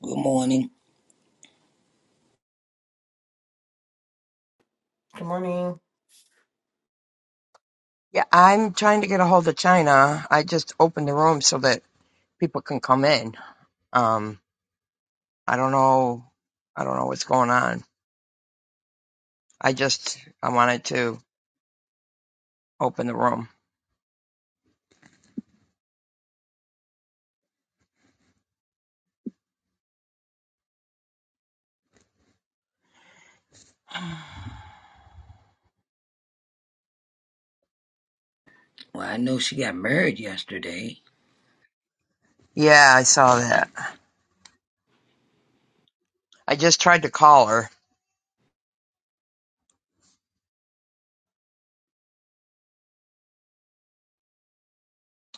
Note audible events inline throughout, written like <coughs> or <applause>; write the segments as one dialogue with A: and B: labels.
A: Good morning.
B: Good morning.
C: Yeah, I'm trying to get a hold of China. I just opened the room so that people can come in. Um, I don't know. I don't know what's going on. I just I wanted to open the room.
A: Well, I know she got married yesterday.
C: Yeah, I saw that. I just tried to call her.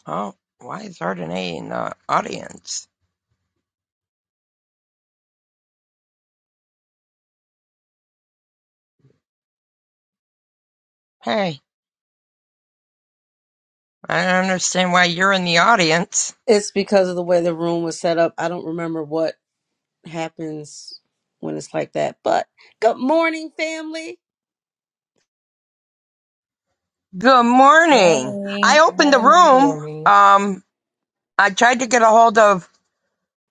C: Oh, why is Ardenae in the audience? Hey, I don't understand why you're in the audience.
D: It's because of the way the room was set up. I don't remember what happens when it's like that. But good morning, family.
C: Good morning. I
A: Morning. Good
C: opened the
B: Good
A: morning.
C: room.
B: morning.
C: Um, I tried to get a hold of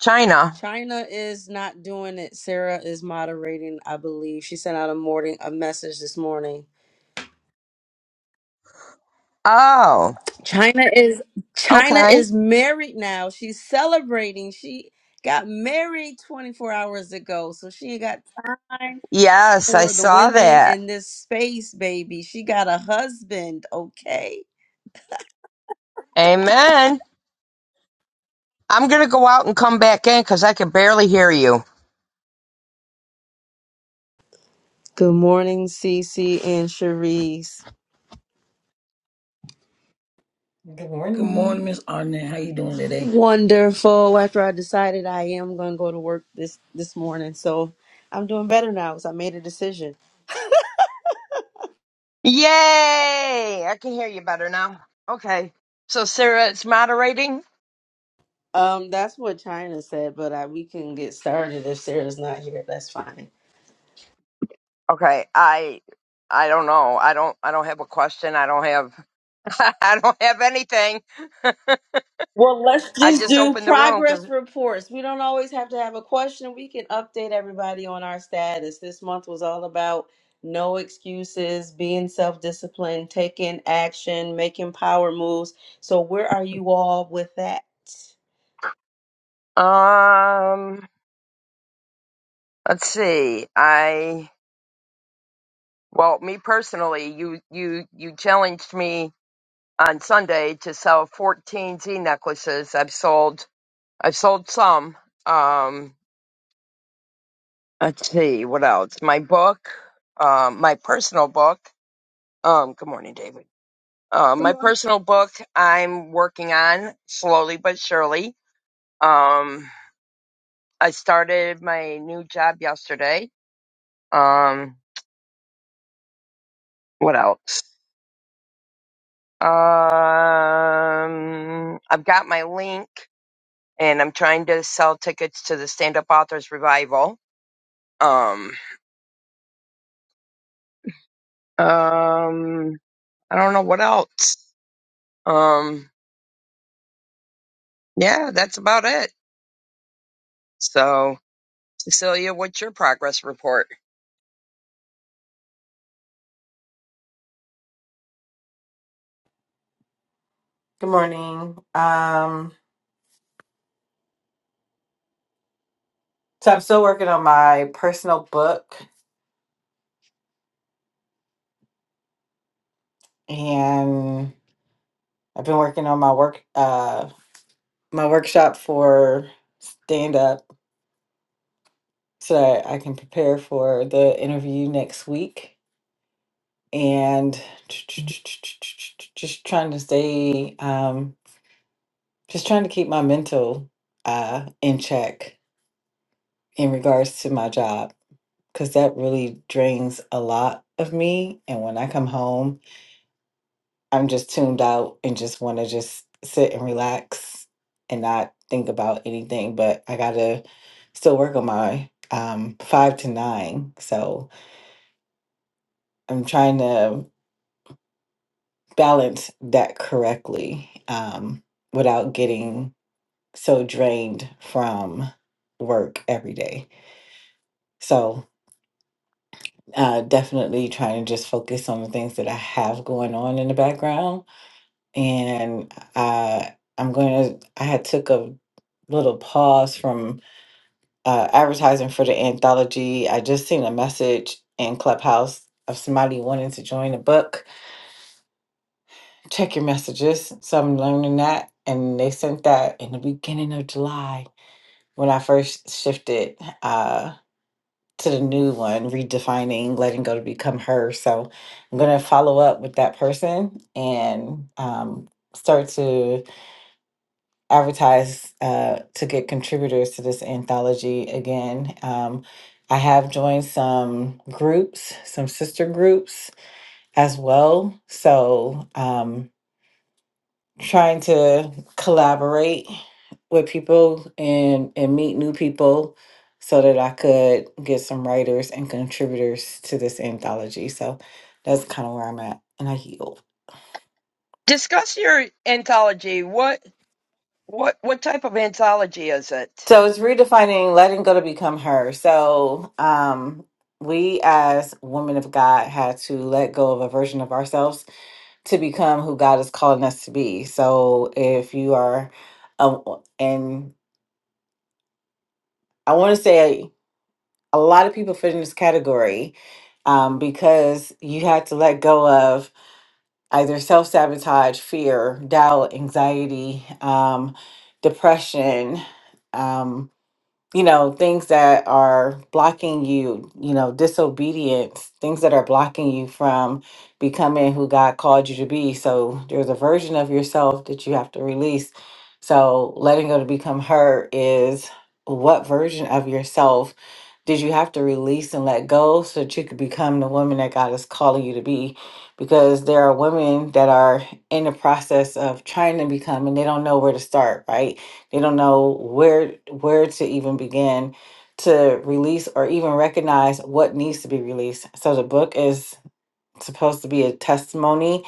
C: China.
D: China is not doing it. Sarah is moderating, I believe. She sent out a morning a message this morning.
C: Oh,
D: China is China
C: okay.
D: is married now. She's celebrating. She got married 24 hours ago. So she ain't got time
C: Yes, I
D: for the
C: saw
D: women
C: that.
D: in this space, baby. She got a husband, okay?
C: Amen. I'm going to go out and come back in because I can barely hear you.
D: Good morning, Cece and Cherise.
B: Good
A: Good morning,
B: morning.
A: Miss Arnett. How you doing today?
D: Wonderful. After I decided I am going to go to work this this morning, so I'm doing better now because I made a decision.
C: Yay! I can hear you better now. Okay. So Sarah it's moderating?
D: Um, that's what China said, but I, we can get started if Sarah's not here. That's fine.
C: Okay. I I don't know. I don't I don't have a question. I don't have <laughs> I don't have anything.
D: Well, let's
C: <laughs> I
D: just
C: just
D: do
C: opened the room
D: progress
C: 'cause-
D: reports. We don't always have to have a question. We can update everybody on our status. This month was all about no excuses, being self-disciplined, taking action, making power moves. So, where are you all with that?
C: um let's see. I well, me personally, you you you challenged me on Sunday to sell 14 Z necklaces. I've sold I've sold some. Um, let's see what else. My book, um, my personal book. Um, good morning, David. Um, my personal book I'm working on slowly but surely. Um, I started my new job yesterday. Um, what else? Um, I've got my link and I'm trying to sell tickets to the stand up authors revival Um, um, I don't know what else. Um, yeah, that's about it. So, Cecilia, what's your progress report?
B: Good morning. Um, so I'm still working on my personal book and I've been working on my work uh my workshop for stand up so that I can prepare for the interview next week and just trying to stay um just trying to keep my mental uh in check in regards to my job because that really drains a lot of me. And when I come home, I'm just tuned out and just want to just sit and relax and not think about anything. But I got to still work on my um, five to nine. So I'm trying to balance that correctly um, without getting so drained from work every day. So uh, definitely trying to just focus on the things that I have going on in the background. And uh, I'm going to, I had took a little pause from uh, advertising for the anthology. I just seen a message in Clubhouse of somebody wanting to join the book. Check your messages. So I'm learning that. And they sent that in the beginning of July when I first shifted. uh, to the new one, redefining letting go to become her. So I'm going to follow up with that person and um, start to advertise uh, to get contributors to this anthology again. Um, I have joined some groups, some sister groups as well. So, um, trying to collaborate with people and and meet new people so that I could get some writers and contributors to this anthology. So that's kind of where I'm at and I heal.
C: Discuss your anthology. What what what type of anthology is it?
B: So it's redefining letting go to become her. So um we as women of God had to let go of a version of ourselves to become who God is calling us to be. So if you are um and I want to say a lot of people fit in this category um, because you had to let go of either self sabotage, fear, doubt, anxiety, um, depression, um, you know, things that are blocking you, you know, disobedience, things that are blocking you from becoming who God called you to be. So there's a version of yourself that you have to release. So letting go to become her is what version of yourself did you have to release and let go so that you could become the woman that God is calling you to be? Because there are women that are in the process of trying to become and they don't know where to start, right? They don't know where where to even begin to release or even recognize what needs to be released. So the book is supposed to be a testimony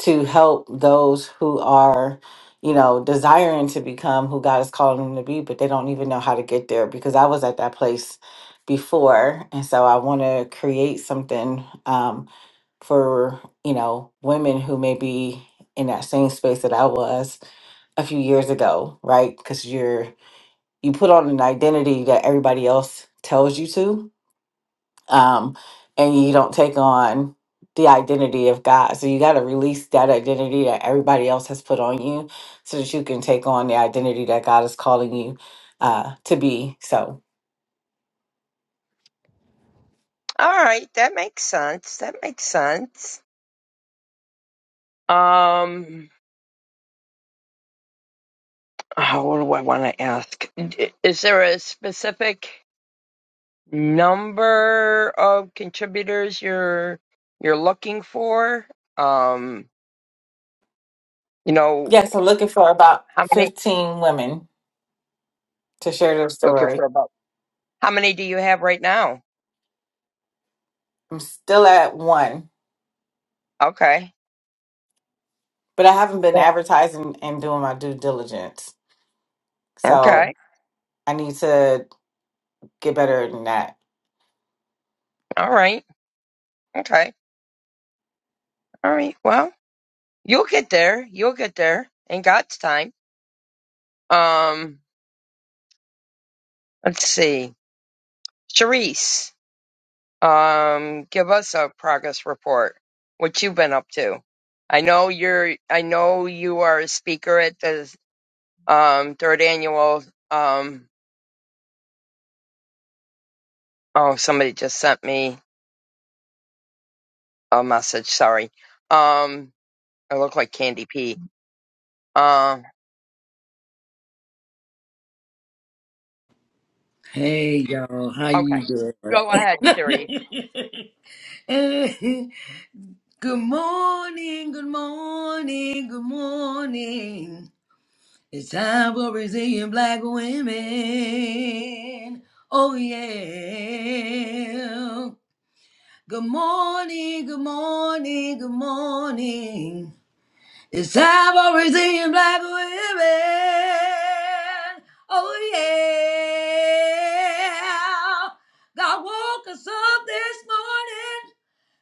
B: to help those who are, you know, desiring to become who God is calling them to be, but they don't even know how to get there because I was at that place before. And so I want to create something um, for, you know, women who may be in that same space that I was a few years ago, right? Because you're you put on an identity that everybody else tells you to, um, and you don't take on the identity of God. So you got to release that identity that everybody else has put on you so that you can take on the identity that God is calling you uh, to be. So,
C: All right, that makes sense. That makes sense. Um, oh, what do I want to ask? D- Is there a specific number of contributors you're you're looking for? Um, you know,
B: yes, I'm looking for about
C: how many?
B: 15 women to share their
C: Looking
B: story.
C: for about how many do you have right now?
B: I'm still at one,
C: Okay.
B: but I haven't been
C: Yeah.
B: advertising and doing my due diligence. So
C: Okay.
B: I need to get better than that.
C: All right. Okay. All right. Well, you'll get there. You'll get there in God's time. Um, let's see. Sharice, um, give us a progress report. What you've been up to. I know you're I know you are a speaker at the um third annual um oh somebody just sent me a message, sorry. Um I look like Candy P. Uh,
A: Hey, y'all. How
C: Okay.
A: you doing?
C: Go ahead, Cherise.
A: <laughs> good morning. Good morning. Good morning. It's time for Brazilian black women. Oh, yeah. Good morning. Good morning. Good morning. It's time for redeemed black women. Oh yeah. God woke us up this morning,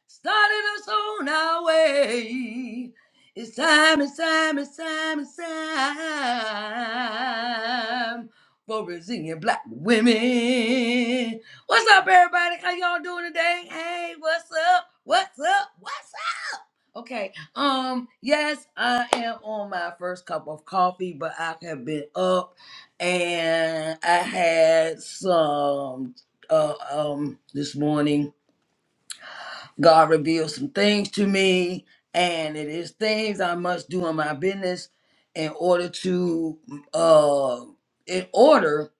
A: started us on our way. It's time, it's time, it's time, it's time for resilient black women. What's up, everybody? How y'all doing today? Hey, what's up? What's up? What's Okay. Um, yes, I am on my first cup of coffee, but I have been up and I had some uh um this morning. God revealed some things to me, and it is things I must do in my business in order to uh in order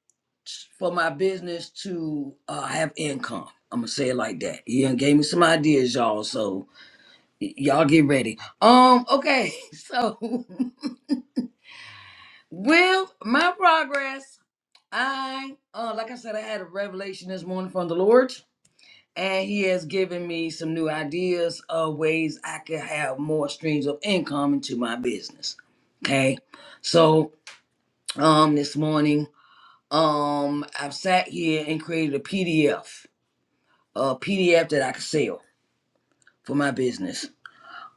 A: for my business to uh have income. I'm gonna say it like that. He done gave me some ideas, y'all. So Y- y'all get ready. Um, okay, <laughs> so <laughs> with my progress, I uh like I said, I had a revelation this morning from the Lord, and He has given me some new ideas of ways I could have more streams of income into my business. Okay, so um this morning, um I've sat here and created a PDF, a PDF that I could sell for my business.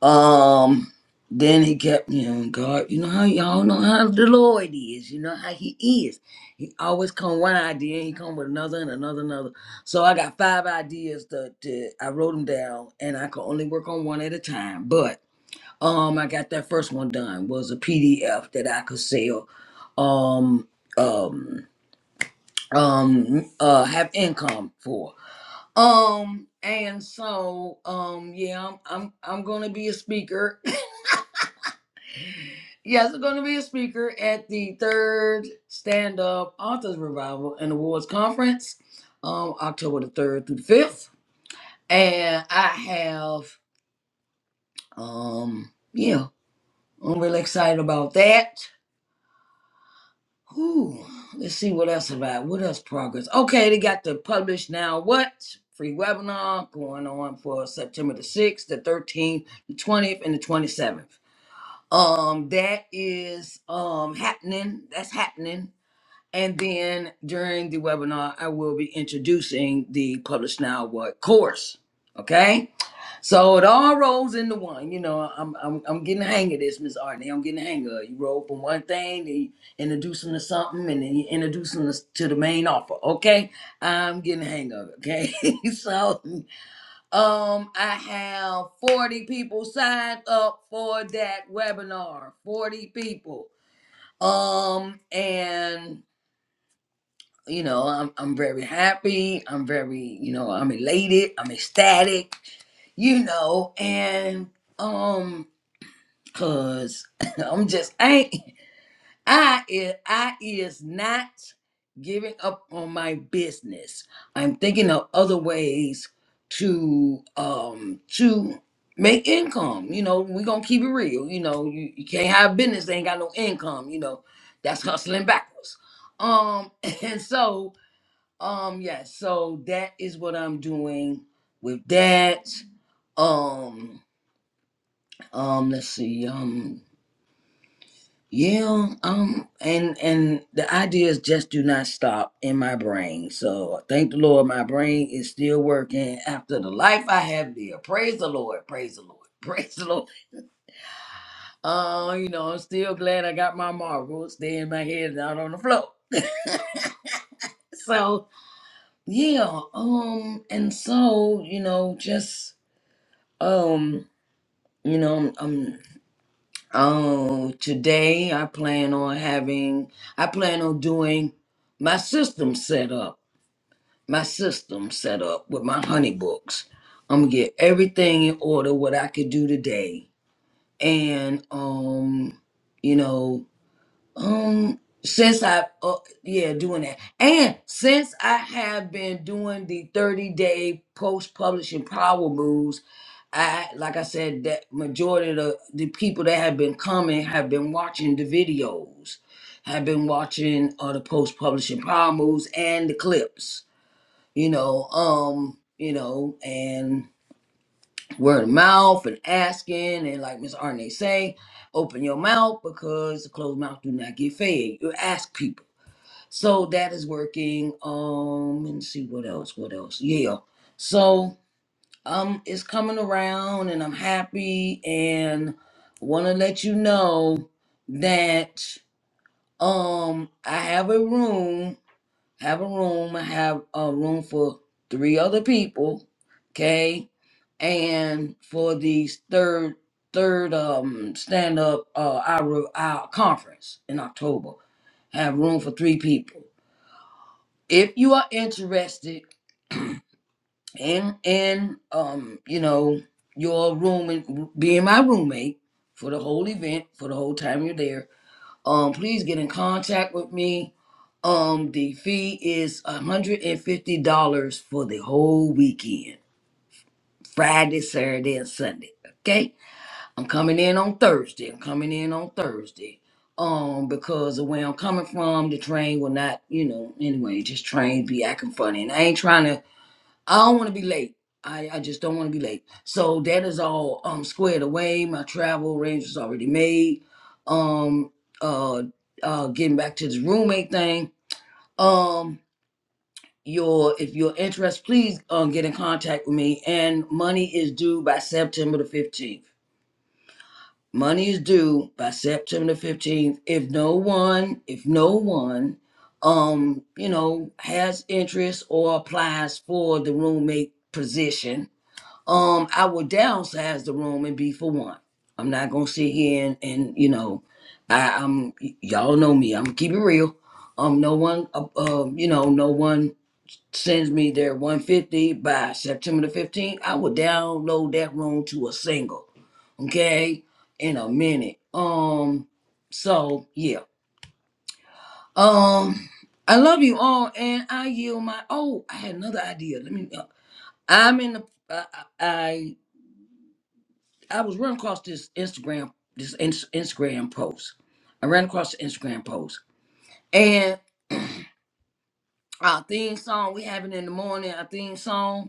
A: Um, then he kept, you know, God, you know how y'all know how the Lord is, you know how he is. He always come one idea and he come with another and another another. So I got five ideas that, that I wrote them down and I could only work on one at a time. But um I got that first one done was a PDF that I could sell um um um uh have income for. Um and so um yeah I'm I'm I'm gonna be a speaker Yes, I'm going to be a speaker at the third Stand Up Authors Revival and Awards Conference, um, October the third through the fifth. And I have, um, yeah, I'm really excited about that. Whew. Let's see what else about what else progress. Okay, they got the publish now what free webinar going on for September the sixth, the thirteenth, the twentieth, and the twenty seventh. Um, that is um happening. That's happening And then during the webinar, I will be introducing the Publish Now What course. Okay, so it all rolls into one. You know, I'm I'm, I'm getting the hang of this, Miss Artney. I'm getting the hang of it. You roll from one thing, then you introduce them to something, and then you introduce them to to the main offer. Okay, I'm getting the hang of it. Okay, <laughs> so um, I have 40 people signed up for that webinar. 40 people. Um, and you know i'm i'm very happy i'm very you know i'm elated i'm ecstatic you know and um cuz <laughs> i'm just I ain't i is i is not giving up on my business i'm thinking of other ways to um to make income you know we going to keep it real you know you, you can't have business that ain't got no income you know that's hustling backwards um <laughs> and so um, yes, so that is what I'm doing with that. Um, um, let's see, um, yeah, um, and and the ideas just do not stop in my brain. So thank the Lord, my brain is still working after the life I have lived. Praise the Lord, praise the Lord. <laughs> Praise the Lord. Uh, you know, I'm still glad I got my marbles. Stay in my head, not on the floor. So yeah, um, and so, you know, just um You know, um, oh, today I plan on having, I plan on doing my system set up, my system set up with my honey books. I'm gonna get everything in order what I could do today, and um, you know, um, since I, uh, yeah, doing that, and since I have been doing the 30 day post publishing power moves. I like I said, that majority of the, the people that have been coming have been watching the videos, have been watching uh, the post publishing power moves and the clips, you know, um, you know, and word of mouth and asking and like Miss Arne say, open your mouth because the closed mouth do not get fed. You ask people. So that is working. Um and see what else, what else. Yeah. So um is coming around and I'm happy and want to let you know that um I have a room, have a room, I have a room for three other people, okay? And for the third third um stand up uh our our conference in October, have room for three people. If you are interested <clears throat> and and um you know your room and being my roommate for the whole event for the whole time you're there um please get in contact with me um the fee is $150 for the whole weekend friday saturday and sunday okay i'm coming in on thursday i'm coming in on thursday um because of where i'm coming from the train will not you know anyway just trains be acting funny and i ain't trying to I don't want to be late. I, I just don't want to be late. So that is all um squared away. My travel arrangements already made. Um uh uh getting back to this roommate thing. Um your if you're interested, please um get in contact with me. And money is due by September the 15th. Money is due by September the 15th. If no one, if no one um, you know, has interest or applies for the roommate position um, I will downsize the room and be for one. I'm not gonna sit here and, and you know, I, I'm y- y'all know me. I'm keep it real. Um, no one, uh, um, you know, no one sends me their 150 by September the 15th. I will download that room to a single, okay, in a minute. Um, so yeah. Um, I love you all, and I yield my. Oh, I had another idea. Let me. uh, I'm in the. I, I I was running across this Instagram this ins- Instagram post. I ran across the Instagram post and our theme song we having in the morning. Our theme song.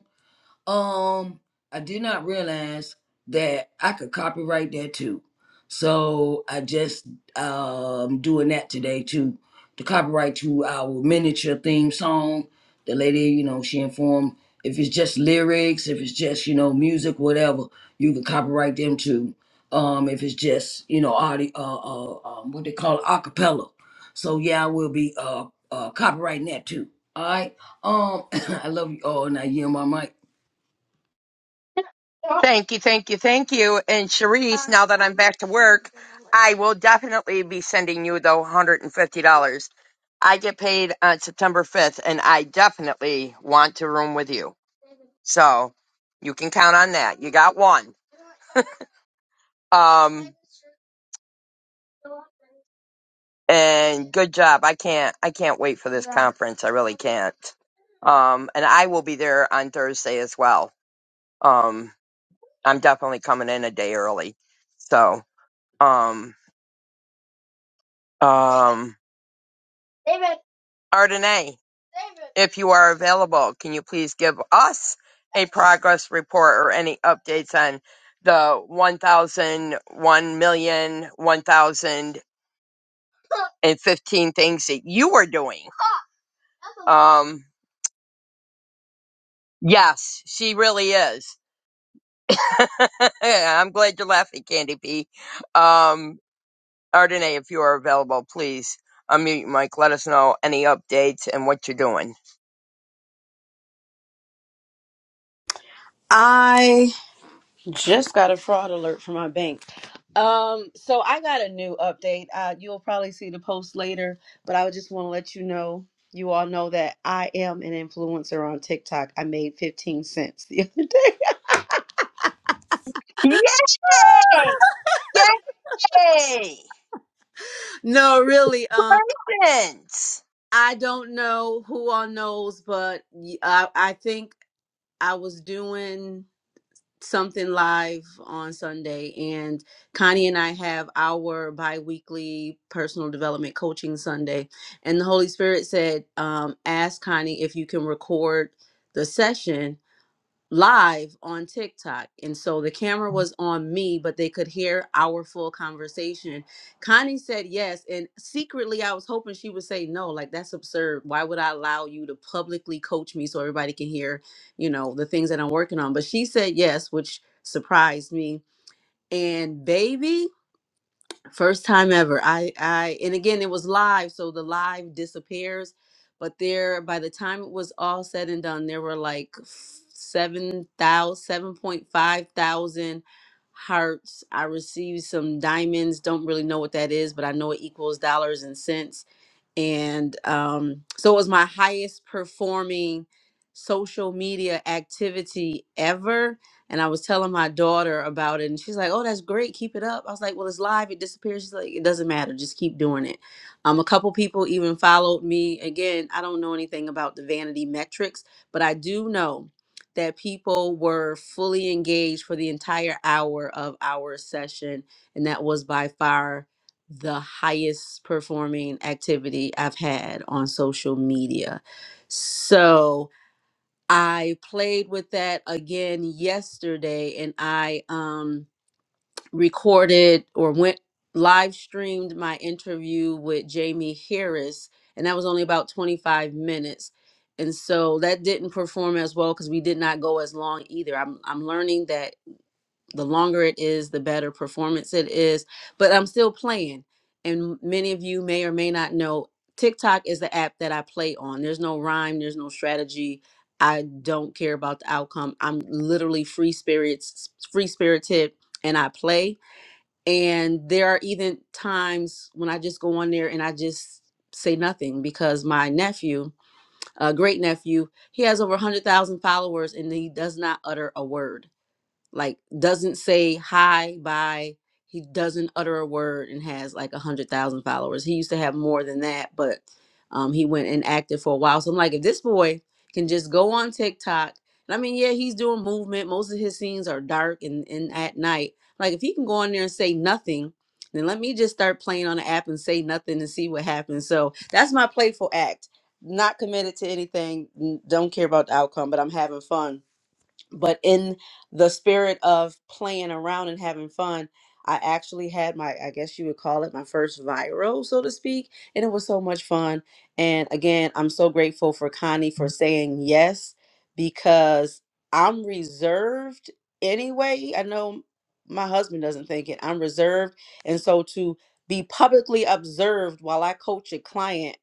A: Um, I did not realize that I could copyright that too. So I just um doing that today too. The copyright to our miniature theme song. The lady, you know, she informed if it's just lyrics, if it's just, you know, music, whatever, you can copyright them too. Um, if it's just, you know, audio, uh, uh, um, what they call it, acapella. So yeah, I will be uh, uh copyrighting that too. All right. Um, <coughs> I love you all, and I yield my mic.
C: Thank you, thank you, thank you. And Cherise, now that I'm back to work, I will definitely be sending you the $150. I get paid on September 5th, and I definitely want to room with you. So you can count on that. You got one. Um, and good job. I can't, I can't wait for this conference. I really can't. Um, and I will be there on Thursday as well. Um, I'm definitely coming in a day early. So. um um Ardenay, if you are available, can you please give us a progress report or any updates on the one thousand one million one thousand and fifteen things that you are doing? Um, yes, she really is. <laughs> I'm glad you're laughing, Candy P. Um, Ardenay, if you are available, please unmute your mic. Let us know any updates and what you're doing.
D: Just got a fraud alert from my bank. Um, so I got a new update. Uh, you'll probably see the post later, but I just want to let you know, you all know that I am an influencer on TikTok. I made 15 cents the other day. <laughs>
C: Yay! Yay!
D: No, really. Um,
C: Congratulations!
D: I don't know who all knows, but y- I I think I was doing. something live on Sunday and Connie and I have our bi-weekly personal development coaching Sunday and the Holy Spirit said um ask Connie if you can record the session live on TikTok. And so the camera was on me, but they could hear our full conversation. Connie said yes. And secretly, I was hoping she would say no. Like, that's absurd. Why would I allow you to publicly coach me so everybody can hear, you know, the things that I'm working on? But she said yes, which surprised me. And baby, First time ever. I I and again it was live, so the live disappears. But there, by the time it was all said and done, there were like seven thousand, seven point five thousand hearts. I received some diamonds. Don't really know what that is, but I know it equals dollars and cents and um, so it was my highest performing social media activity ever and i was telling my daughter about it and she's like oh that's great keep it up i was like well it's live it disappears she's like it doesn't matter just keep doing it um a couple people even followed me again i don't know anything about the vanity metrics but i do know that people were fully engaged for the entire hour of our session and that was by far the highest performing activity I've had on social media. So I played with that again yesterday and I um, recorded or went live streamed my interview with Jamie Harris, and that was only about 25 minutes. And so that didn't perform as well because we did not go as long either. I'm, I'm learning that the longer it is, the better performance it is. But I'm still playing. And many of you may or may not know TikTok is the app that I play on. There's no rhyme, there's no strategy. I don't care about the outcome. I'm literally free spirits, free spirited, and I play. And there are even times when I just go on there and I just say nothing because my nephew, a great nephew, he has over 100,000 followers and he does not utter a word like doesn't say hi bye he doesn't utter a word and has like a hundred thousand followers he used to have more than that but um he went inactive for a while so i'm like if this boy can just go on tiktok and i mean yeah he's doing movement most of his scenes are dark and, and at night like if he can go on there and say nothing then let me just start playing on the app and say nothing and see what happens so that's my playful act not committed to anything n- don't care about the outcome but i'm having fun but in the spirit of playing around and having fun i actually had my i guess you would call it my first viral so to speak and it was so much fun and again i'm so grateful for connie for saying yes because i'm reserved anyway i know my husband doesn't think it i'm reserved and so to be publicly observed while i coach a client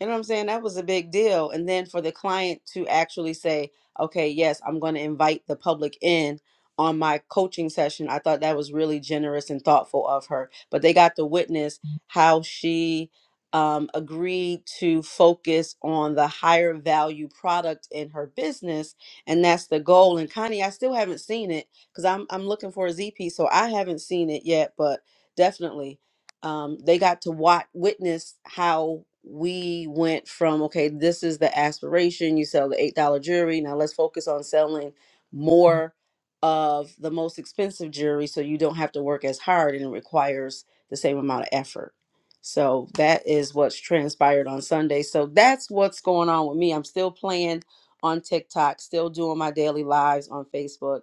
D: you know what I'm saying? That was a big deal. And then for the client to actually say, okay, yes, I'm going to invite the public in on my coaching session, I thought that was really generous and thoughtful of her. But they got to witness how she um, agreed to focus on the higher value product in her business. And that's the goal. And Connie, I still haven't seen it because I'm, I'm looking for a ZP. So I haven't seen it yet, but definitely um, they got to watch witness how we went from okay this is the aspiration you sell the eight dollar jewelry now let's focus on selling more of the most expensive jewelry so you don't have to work as hard and it requires the same amount of effort so that is what's transpired on sunday so that's what's going on with me i'm still playing on tiktok still doing my daily lives on facebook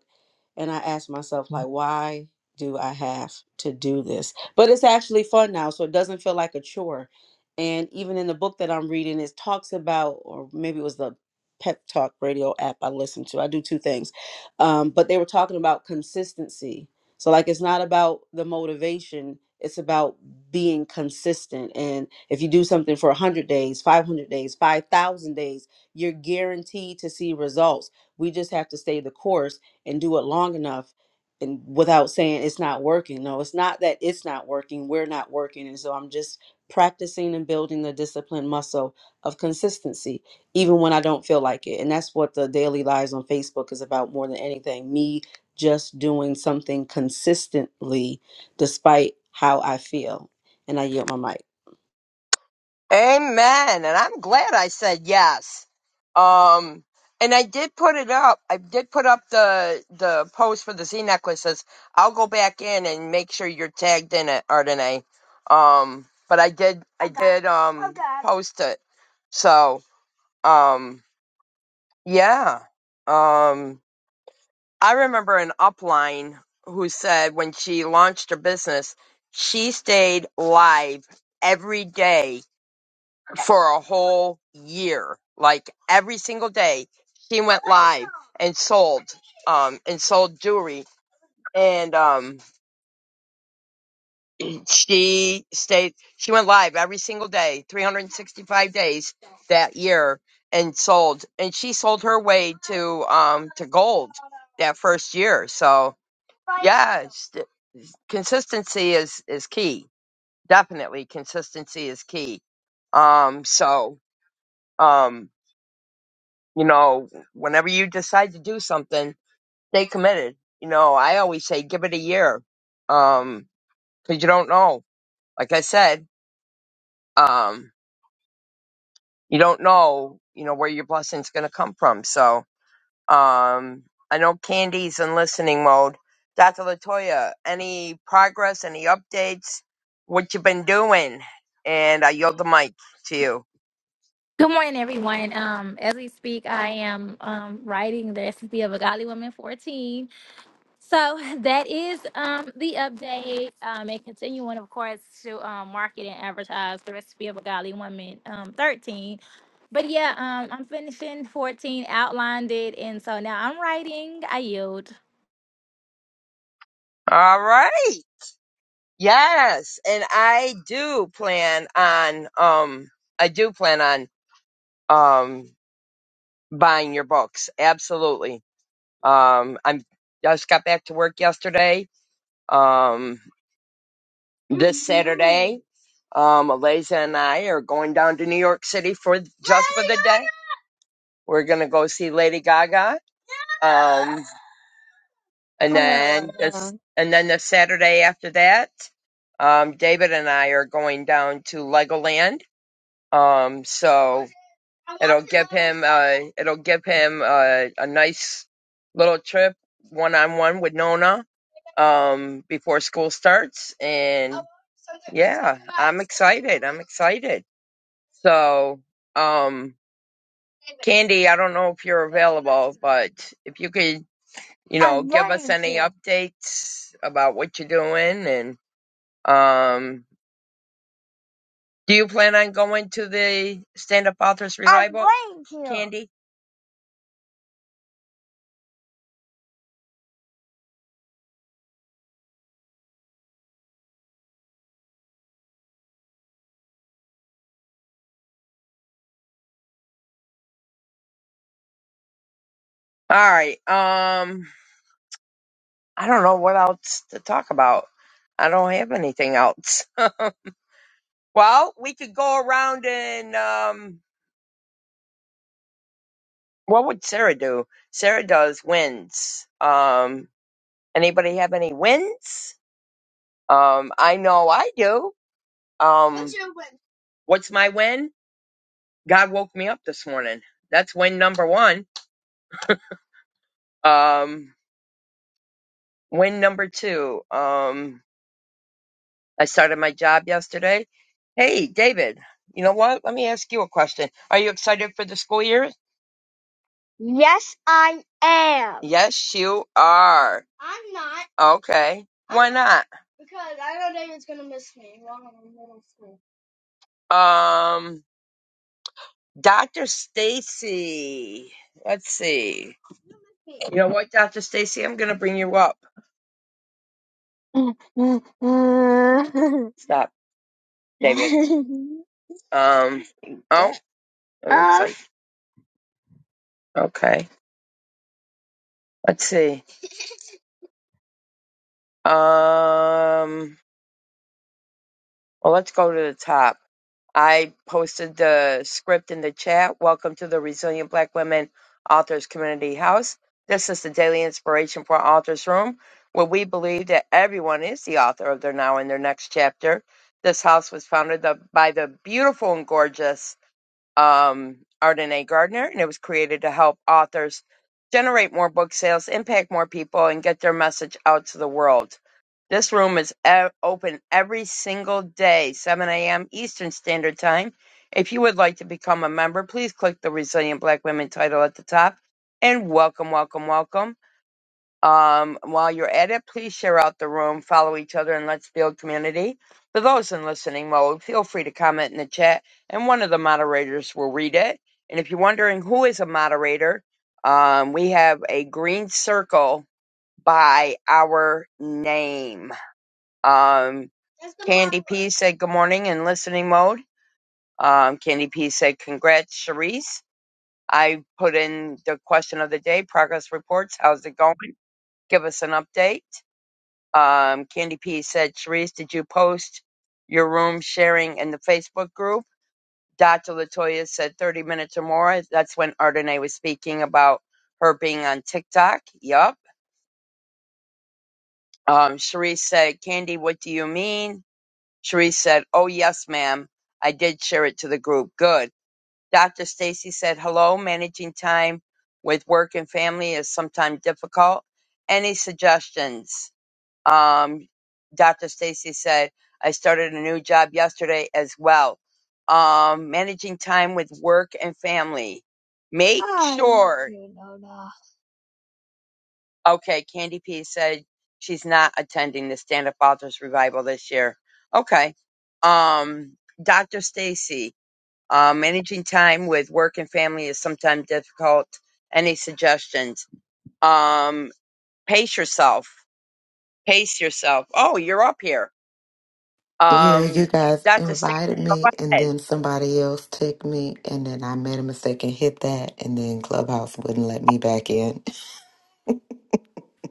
D: and i ask myself like why do i have to do this but it's actually fun now so it doesn't feel like a chore and even in the book that i'm reading it talks about or maybe it was the pep talk radio app i listen to i do two things um, but they were talking about consistency so like it's not about the motivation it's about being consistent and if you do something for 100 days 500 days 5000 days you're guaranteed to see results we just have to stay the course and do it long enough and without saying it's not working. No, it's not that it's not working. We're not working. And so I'm just practicing and building the discipline muscle of consistency, even when I don't feel like it. And that's what the daily lives on Facebook is about more than anything. Me just doing something consistently despite how I feel. And I yield my mic.
C: Amen. And I'm glad I said yes. Um, and I did put it up. I did put up the the post for the Z necklaces. I'll go back in and make sure you're tagged in it, Ardenay. Um, but I did. I Okay. did. Um, Okay. post it. So, um, yeah. Um, I remember an upline who said when she launched her business, she stayed live every day for a whole year. Like every single day, she went live and sold, um, and sold jewelry. And um, she stayed. She went live every single day, 365 days that year, and sold. And she sold her way to um to gold that first year. So yes, consistency is is key. Definitely, consistency is key. Um, so um, you know, whenever you decide to do something, stay committed. You know, I always say give it a year, um, because you don't know. Like I said, um, you don't know, you know, where your blessing's going to come from. So, Um, I know Candy's in listening mode. Dr. Latoya, any progress, any updates? What you been doing? And I yield the mic to you.
E: Good morning, everyone. Um, as we speak, I am um, writing the recipe of a Godly Woman 14. So <laughs> that is um, the update um, and continuing, of course, to um, market and advertise the Recipe of a Godly Woman um, 13. But yeah, um, I'm finishing 14, outlined it. And so now I'm writing. I yield.
C: All right. Yes, and I do plan on um I do plan on um buying your books. Absolutely. Um I'm I just got back to work yesterday. Um this Saturday. Um, Eliza and I are going down to New York City for just for the day. We're gonna go see Lady Gaga. Um, and then this, and then the Saturday after that, um, David and I are going down to Legoland. Um, so it'll give him, uh, it'll give him uh, a nice little trip one on one with Nona um before school starts and yeah i'm excited i'm excited So, um, Candy, I don't know if you're available, but if you could, you know, give us any updates about what you're doing and, um, do you plan on going to the Stand Up Authors revival? I'm Candy? All right. Um, I don't know what else to talk about. I don't have anything else. <laughs> Well, we could go around and, um, what would Sarah do? Sarah does wins. Um, anybody have any wins? Um, I know I do. Um, What's your win? What's my win? God woke me up this morning. That's win number one. Um, win number two. Um, I started my job yesterday. Hey, David, you know what? Let me ask you a question. Are you excited for the school year? Yes, I am. Yes, you are. Okay. Why not? Um, Dr. Stacy. Let's see. You know what, Dr. Stacy? I'm going to bring you up. <laughs> Stop, David. <laughs> Um, oh, it looks like. Okay. Let's see. Um, Well, let's go to the top. I posted the script in the chat. Welcome to the Resilient Black Women Authors Community House. This is the daily inspiration for Authors Room, where we believe that everyone is the author of their now and their next chapter. This house was founded the- by the beautiful and gorgeous um, Ardenae Gardner, and it was created to help authors generate more book sales, impact more people, and get their message out to the world. This room is e- open every single day, 7 a.m. Eastern Standard Time. If you would like to become a member, please click the Resilient Black Women title at the top. And welcome, welcome, welcome. Um, while you're at it, please share out the room, follow each other, and let's build community. For those in listening mode, feel free to comment in the chat, and one of the moderators will read it. And if you're wondering who is a moderator, um, we have a green circle by our name. Um, Candy P said good morning in listening mode. Um, Candy P said congrats, Sharice. I put in the question of the day, progress reports. How's it going? Give us an update. Um, Candy P said, Sharice, did you post your room sharing in the Facebook group? Dr. Latoya said 30 minutes or more. That's when Ardenae was speaking about her being on TikTok. Yup. Um, Sharice said, Candy, what do you mean? Sharice said, Oh, yes, ma'am. I did share it to the group. Good. Dr. Stacy said, Hello, managing time with work and family is sometimes difficult. Any suggestions? Um, Dr. Stacy said, I started a new job yesterday as well. Um, managing time with work and family. Make sure. love Okay, Candy P said she's not attending the Stand Up Authors Revival this year. Okay. Um, Dr. Stacy, uh, managing time with work and family is sometimes difficult. Any suggestions? Um, pace yourself. Pace yourself. Oh, you're up here.
F: Yeah,
C: Um,
F: you guys
C: Dr. Stan,
F: invited
C: go
F: me, and
C: ahead.
F: then somebody else took me, and then I made a mistake and hit that, and then Clubhouse wouldn't let me back in.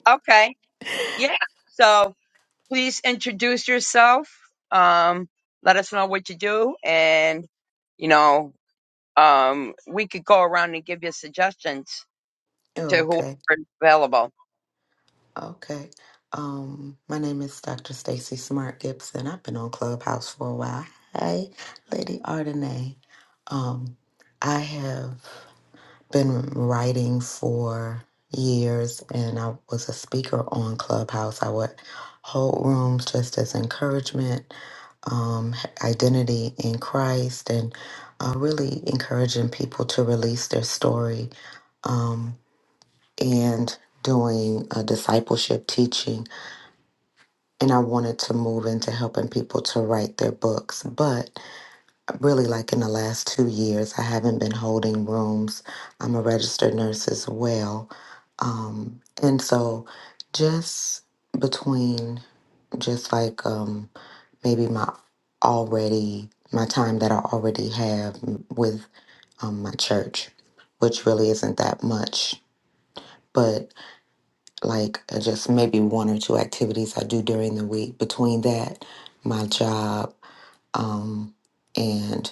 C: Okay. Yeah. So please introduce yourself. Um, let us know what you do. And, you know, um, we could go around and give you suggestions
F: <laughs>
C: to whoever
F: okay,
C: is available.
F: okay. Um, my name is Dr. Stacy Smart Gibson. I've been on Clubhouse for a while. Hi, Lady Ardenay. Um, I have been writing for years, and I was a speaker on Clubhouse. I would hold rooms just as encouragement um, identity in Christ and uh, really encouraging people to release their story um, and doing a discipleship teaching. And I wanted to move into helping people to write their books. But really, like in the last two years, I haven't been holding rooms. I'm a registered nurse as well. Um, and so just between just like, um, maybe my already my time that I already have with um, my church, which really isn't that much. But like uh, just maybe one or two activities I do during the week. Between that, my job, um, and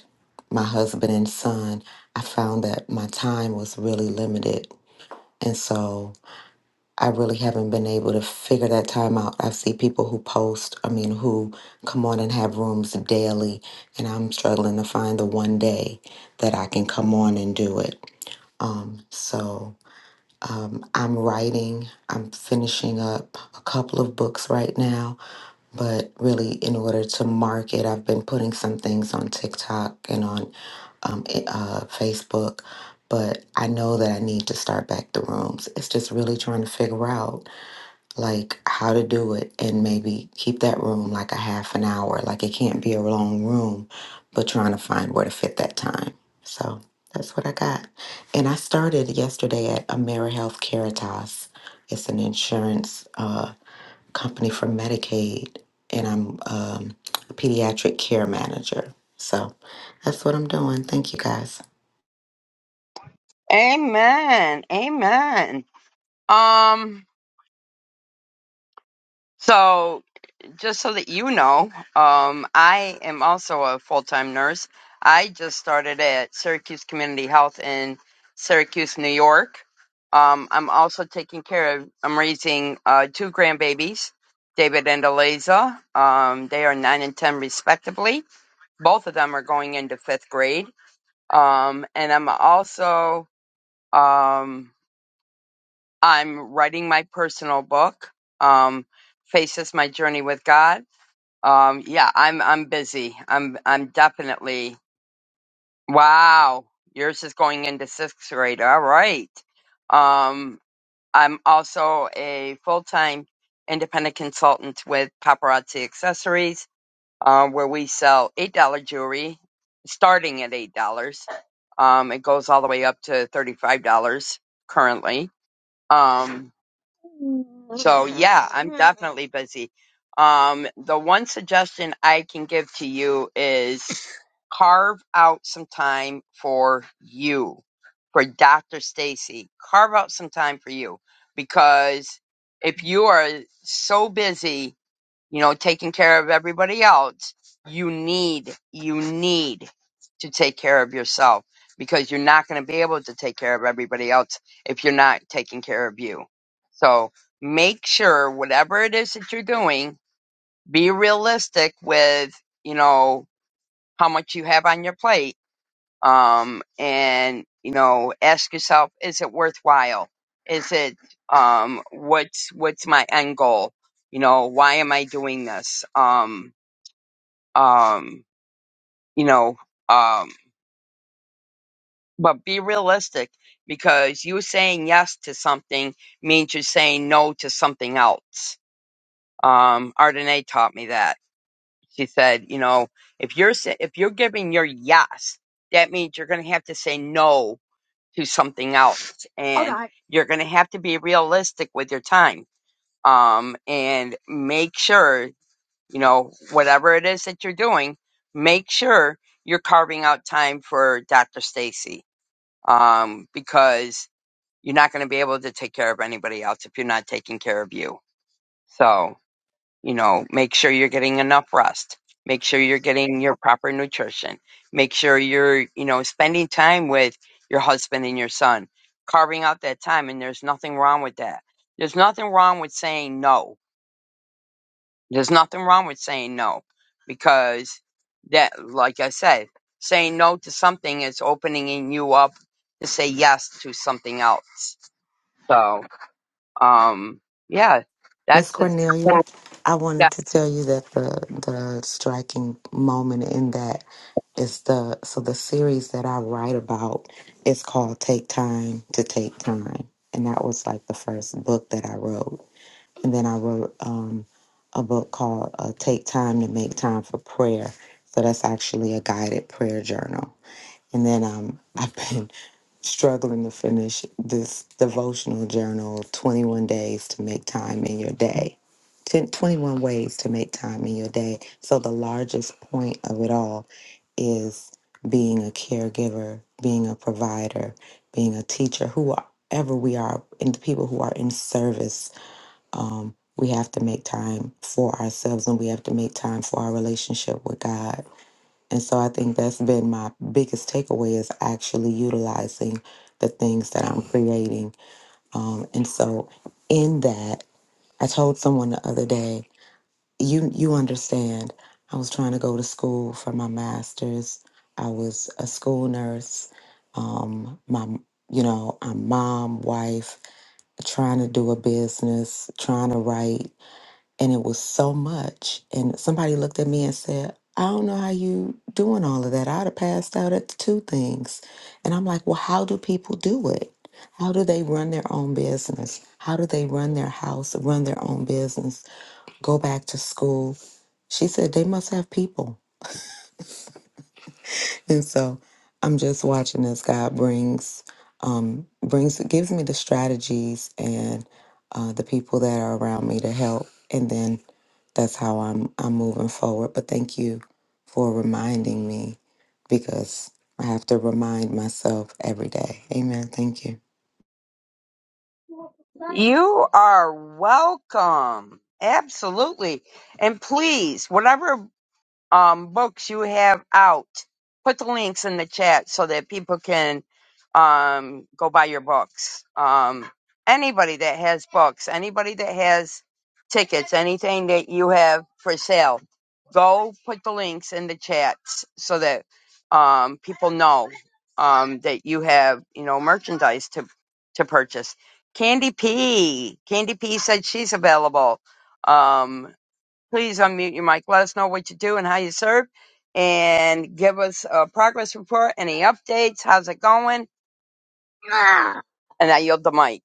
F: my husband and son, I found that my time was really limited, and so I really haven't been able to figure that time out. I see people who post, I mean, who come on and have rooms daily, and I'm struggling to find the one day that I can come on and do it. Um, so um, I'm writing, I'm finishing up a couple of books right now, but really, in order to market, I've been putting some things on TikTok and on um, i- uh, Facebook. But I know that I need to start back the rooms. It's just really trying to figure out like how to do it and maybe keep that room like a half an hour. Like it can't be a long room, but trying to find where to fit that time. So that's what I got. And I started yesterday at AmeriHealth Caritas. It's an insurance uh, company for Medicaid, and I'm um, a pediatric care manager. So that's what I'm doing. Thank you guys.
C: Amen. Amen. Um, so just so that you know, um, I am also a full time nurse. I just started at Syracuse Community Health in Syracuse, New York. Um, I'm also taking care of, I'm raising uh, two grandbabies, David and Eliza. Um, they are nine and 10 respectively. Both of them are going into fifth grade. Um, and I'm also, um, I'm writing my personal book, um, Faces My Journey with God um, yeah, I'm I'm busy. I'm I'm definitely wow. Yours is going into sixth grade. All right. Um, I'm also a full time independent consultant with Paparazzi Accessories, uh, where we sell eight dollar jewelry, starting at eight dollars. Um, it goes all the way up to thirty five dollars currently. Um, so yeah, I'm definitely busy. Um, the one suggestion I can give to you is carve out some time for you, for Dr. Stacy. Carve out some time for you because if you are so busy you know, taking care of everybody else, you need, you need to take care of yourself because you're not going to be able to take care of everybody else if you're not taking care of you. So make sure whatever it is that you're doing, be realistic with, you know, how much you have on your plate um, and you know ask yourself is it worthwhile is it um, what's what's my end goal you know why am i doing this um, um, you know um, but be realistic because you saying yes to something means you're saying no to something else um, Ardenae taught me that she said you know if you're sa- if you're giving your yes that means you're going to have to say no to something else and you're going to have to be realistic with your time um and make sure you know whatever it is that you're doing make sure you're carving out time for Dr. Stacy um because you're not going to be able to take care of anybody else if you're not taking care of you so you know make sure you're getting enough rest make sure you're getting your proper nutrition make sure you're you know spending time with your husband and your son carving out that time and there's nothing wrong with that there's nothing wrong with saying no there's nothing wrong with saying no because that like i said saying no to something is opening you up to say yes to something else so um yeah
F: Miss
C: that's just
F: Cornelia, I wanted to tell you that the the striking moment in that is the so the series that I write about is called Take Time to Take Time, and that was like the first book that I wrote, and then I wrote um, a book called uh, Take Time to Make Time for Prayer. So that's actually a guided prayer journal, and then um, <laughs> I've been struggling to finish this devotional journal 21 days to make time in your day 10, 21 ways to make time in your day so the largest point of it all is being a caregiver being a provider being a teacher whoever we are and the people who are in service um, we have to make time for ourselves and we have to make time for our relationship with god and so I think that's been my biggest takeaway is actually utilizing the things that I'm creating. Um, and so in that, I told someone the other day, you you understand, I was trying to go to school for my master's. I was a school nurse. Um, my you know, I'm mom, wife, trying to do a business, trying to write, and it was so much. And somebody looked at me and said, I don't know how you doing all of that. I'd have passed out at the two things. And I'm like, well, how do people do it? How do they run their own business? How do they run their house, run their own business, go back to school? She said they must have people. <laughs> And so I'm just watching as God brings, um, brings, gives me the strategies and uh, the people that are around me to help. And then that's how I'm I'm moving forward. But thank you for reminding me because I have to remind myself every day. Amen. Thank you.
C: You are welcome. Absolutely. And please, whatever um, books you have out. Put the links in the chat so that people can um, go buy your books. Um, anybody that has books, anybody that has tickets, anything that you have for sale, go put the links in the chats so that um, people know um, that you have, you know, merchandise to to purchase. Candy P. Candy P said she's available. Um, Please unmute your mic. Let us know what you do and how you serve, and give us a progress report, any updates, how's it going, and I yield the mic.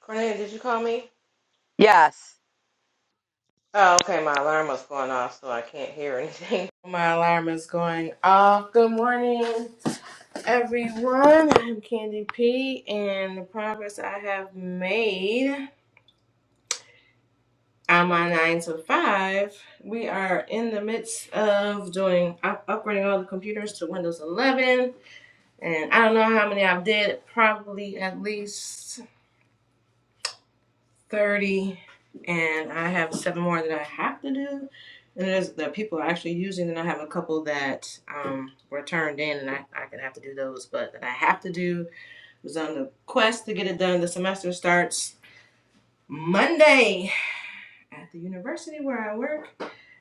G: Cornelia, did you call me?
C: Yes.
G: Oh, okay. My alarm was going off, so I can't hear anything. <laughs> My alarm is going off. Good morning, everyone. I'm Candy P, and the progress I have made on my nine to five. We are in the midst of doing up- upgrading all the computers to Windows 11, and I don't know how many I've did. Probably at least. 30 and I have seven more that I have to do. And there's that people are actually using, and I have a couple that um, were turned in, and I, I can have to do those. But that I have to do was on the quest to get it done. The semester starts Monday at the university where I work,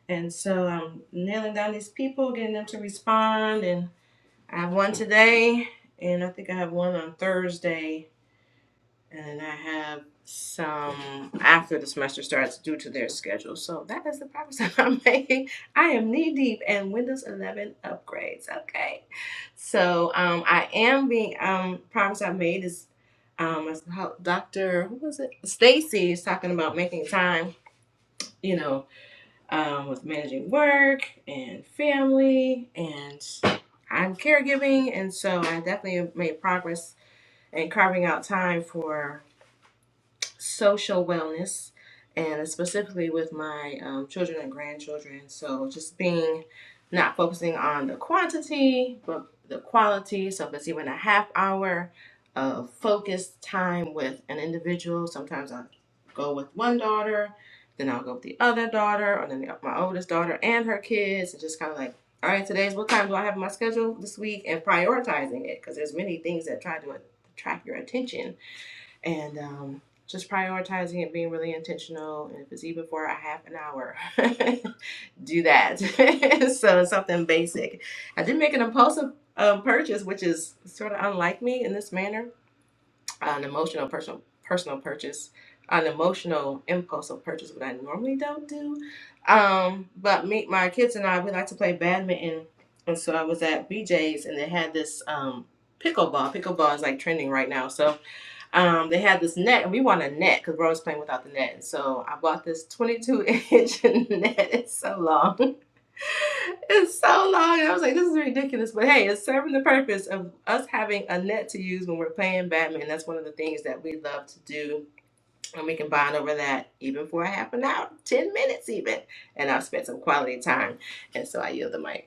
G: and so I'm nailing down these people, getting them to respond. And I have one today, and I think I have one on Thursday And I have some after the semester starts due to their schedule. So that is the progress <laughs> that I'm making. I am knee deep in Windows 11 upgrades. Okay. So um, I am being, um, promise I made is um, as how Dr. Who was it? Stacy is talking about making time, you know, um, with managing work and family and I'm caregiving. And so I definitely have made progress in carving out time for social wellness and specifically with my um, children and grandchildren. So just being not focusing on the quantity, but the quality. So if it's even a half hour of focused time with an individual, sometimes I go with one daughter, then I'll go with the other daughter, or then the, my oldest daughter and her kids, and just kind of like, all right, today's what time do I have in my schedule this week, and prioritizing it because there's many things that try to attract your attention and um, just prioritizing it, being really intentional. And if it's even for a half an hour, <laughs> do that. <laughs> so it's something basic. I did make an impulsive uh, purchase, which is sort of unlike me in this manner. An emotional personal personal purchase, an emotional impulsive purchase, what I normally don't do. Um, but me, my kids and I, we like to play badminton, and so I was at BJ's and they had this um, pickleball. Pickleball is like trending right now, so um, they had this net, and we want a net because we're always playing without the net. So I bought this 22 inch <laughs> net. It's so long. <laughs> It's so long. And I was like, this is ridiculous. But hey, it's serving the purpose of us having a net to use when we're playing Batman. That's one of the things that we love to do. And we can bond over that even for a half an hour, 10 minutes even. And I've spent some quality time. And so I yield the mic.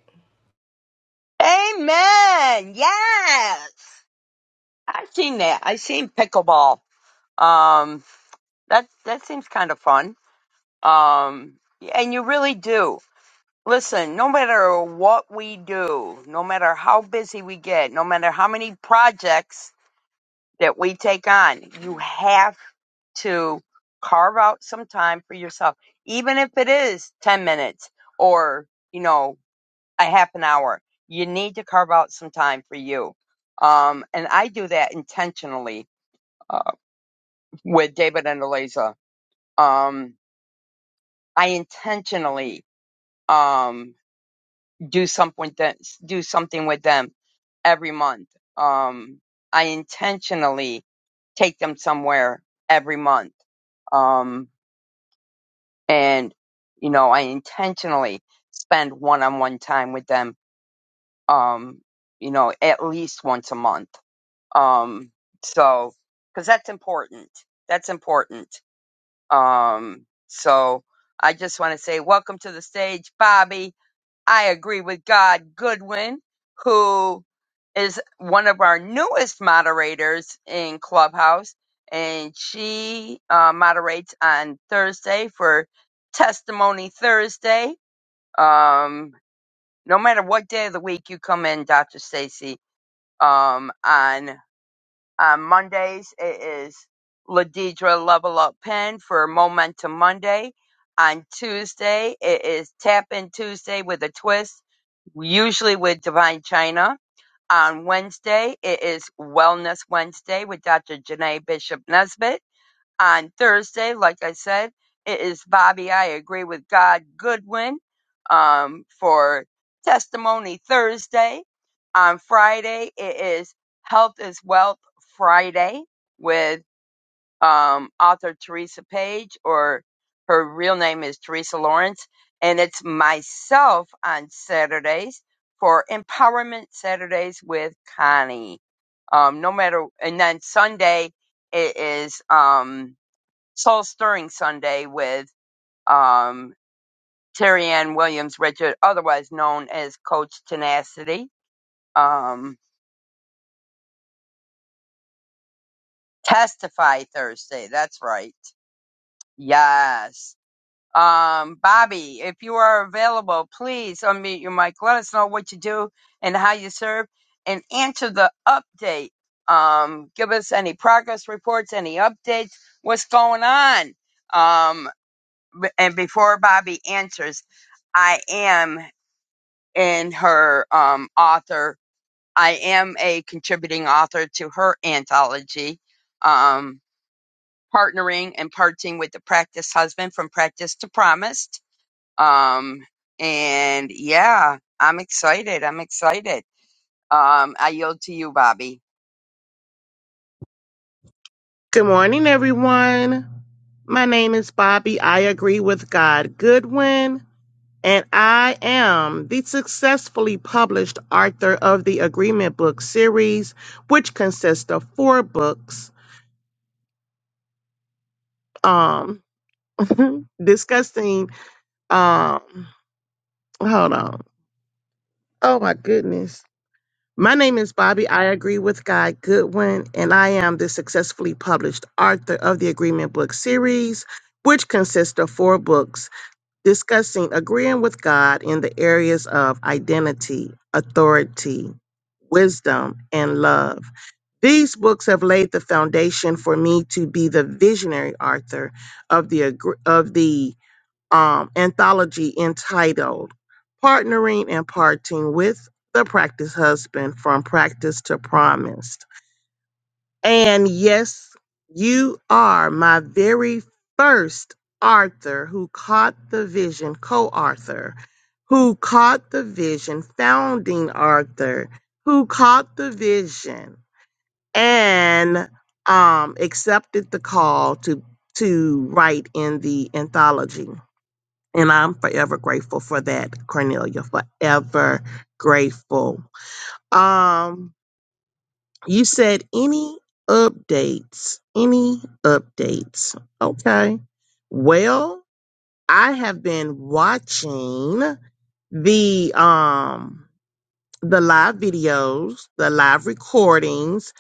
C: Amen. Yes. I've seen that. I've seen pickleball. Um, that that seems kind of fun. Um, and you really do. Listen, no matter what we do, no matter how busy we get, no matter how many projects that we take on. You have to carve out some time for yourself, even if it is 10 minutes or, you know, a half an hour. You need to carve out some time for you. Um, and I do that intentionally uh, with David and Eliza. Um, I intentionally um, do something that, do something with them every month. Um, I intentionally take them somewhere every month. Um, and you know i intentionally spend one-on-one time with them um you know at least once a month um so because that's important that's important um so i just want to say welcome to the stage bobby I agree with God Goodwin, who is one of our newest moderators in Clubhouse, and she uh, moderates on Thursday for Testimony Thursday. Um, no matter what day of the week you come in, Dr. Stacy, um, on uh, Mondays, it is Ladidra Level Up Pen for Momentum Monday. On Tuesday, it is Tap In Tuesday with a twist, usually with Divine China. On Wednesday, it is Wellness Wednesday with Dr. Janae Bishop Nesbitt on Thursday. Like I said, it is Bobby. I agree with God Goodwin um, for Testimony Thursday. On Friday, it is Health is Wealth Friday with um, author Teresa Page, or her real name is Teresa Lawrence. And it's myself on Saturdays for Empowerment Saturdays with Connie. Um, no matter, and then Sunday it is, um, Soul Stirring Sunday with um, Terry Ann Williams Richard, otherwise known as Coach Tenacity. Um, Testify Thursday, that's right. Yes. Um, Bobby, if you are available, please unmute your mic. Let us know what you do and how you serve and answer the update. Um, give us any progress reports, any updates, what's going on. Um, b- and before Bobby answers, I am. in her um, author. I am a contributing author to her anthology, um, partnering and parting with the practice husband from practice to promised. Um, and yeah, I'm excited. I'm excited. Um, I yield to you, Bobby.
H: Good morning, everyone. My name is Bobby. I agree with God Goodwin, and I am the successfully published author of the Agreement Book series, which consists of four books um, <laughs> discussing. Um, hold on. Oh, my goodness. My name is Bobby. I agree with God Goodwin, and I am the successfully published author of the Agreement Book series, which consists of four books discussing agreeing with God in the areas of identity, authority, wisdom, and love. These books have laid the foundation for me to be the visionary author of the agr- of the um, anthology entitled "Partnering and Parting with the Practice Husband: From Practice to Promise." And yes, you are my very first Arthur who caught the vision, co Arthur, who caught the vision, founding Arthur, who caught the vision and um, accepted the call to, to write in the anthology. And I'm forever grateful for that, Cornelia, forever grateful. Um, you said any updates, any updates. Okay. Well, I have been watching the um the live videos, the live recordings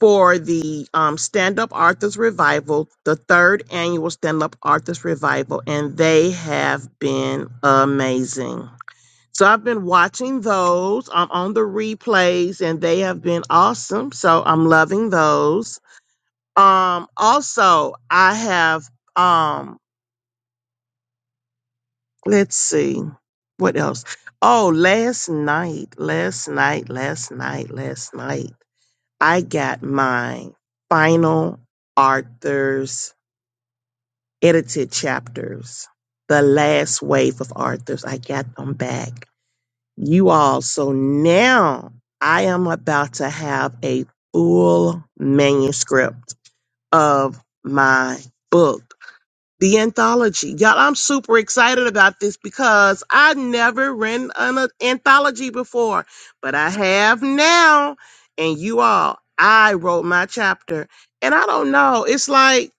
H: for the um Stand Up Arthur's Revival, the third annual Stand Up Arthur's Revival, and they have been amazing. So I've been watching those. I'm on the replays and they have been awesome. So I'm loving those. Um also I have um let's see what else. Oh, last night, last night, last night, last night I got my final Arthur's edited chapters. The last wave of Arthur's. I got them back. you all. So now I am about to have a full manuscript of my book, the anthology. Y'all, I'm super excited about this because I never written an a- anthology before, but I have now. And you all, I wrote my chapter. And I don't know, it's like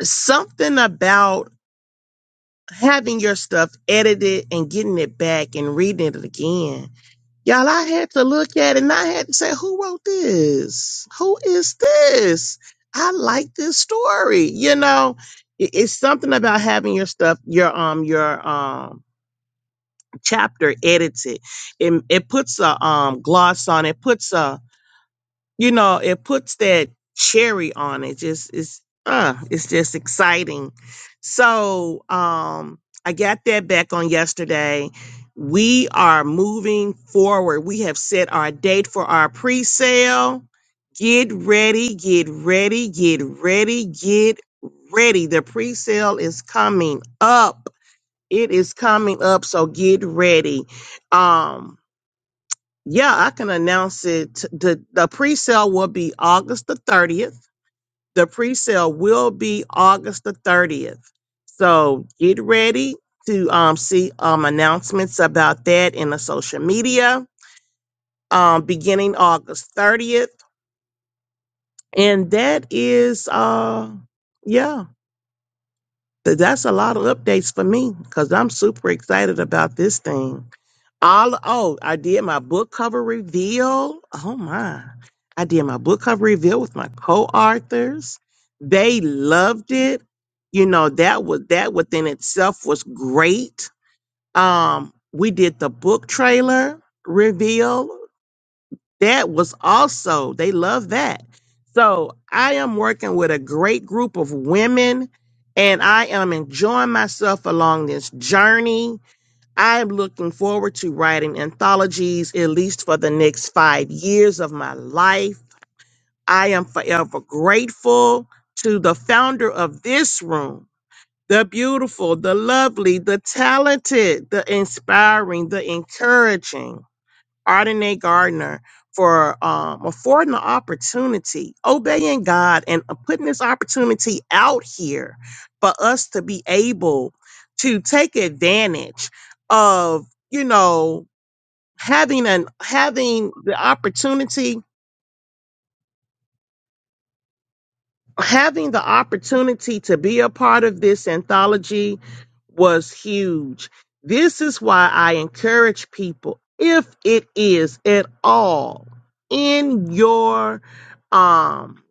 H: something about having your stuff edited and getting it back and reading it again Y'all, I had to look at it and I had to say, who wrote this? Who is this? I like this story. You know, I- it's something about having your stuff, your um, your um chapter edited. It it puts a um gloss on it, puts a you know, it puts that cherry on it. Just it's uh it's just exciting. So um I got that back on yesterday. We are moving forward. We have set our date for our pre-sale. Get ready, get ready, get ready, get ready. The pre-sale is coming up. It is coming up, so get ready. Um yeah, I can announce it. The the pre-sale will be August the 30th. The pre-sale will be August the 30th. So get ready to um, see um, announcements about that in the social media um, beginning August 30th. And that is uh yeah, th- that's a lot of updates for me because I'm super excited about this thing. all oh i did my book cover reveal oh my i did my book cover reveal with my co-authors they loved it you know that was that within itself was great um we did the book trailer reveal that was also they love that so i am working with a great group of women and i am enjoying myself along this journey I'm looking forward to writing anthologies at least for the next five years of my life. I am forever grateful to the founder of this room, the beautiful, the lovely, the talented, the inspiring, the encouraging. Ardenae Gardner for um, affording the opportunity, obeying God, and uh, putting this opportunity out here for us to be able to take advantage of, you know, having an having the opportunity having the opportunity to be a part of this anthology was huge. This is why I encourage people, if it is at all in your um,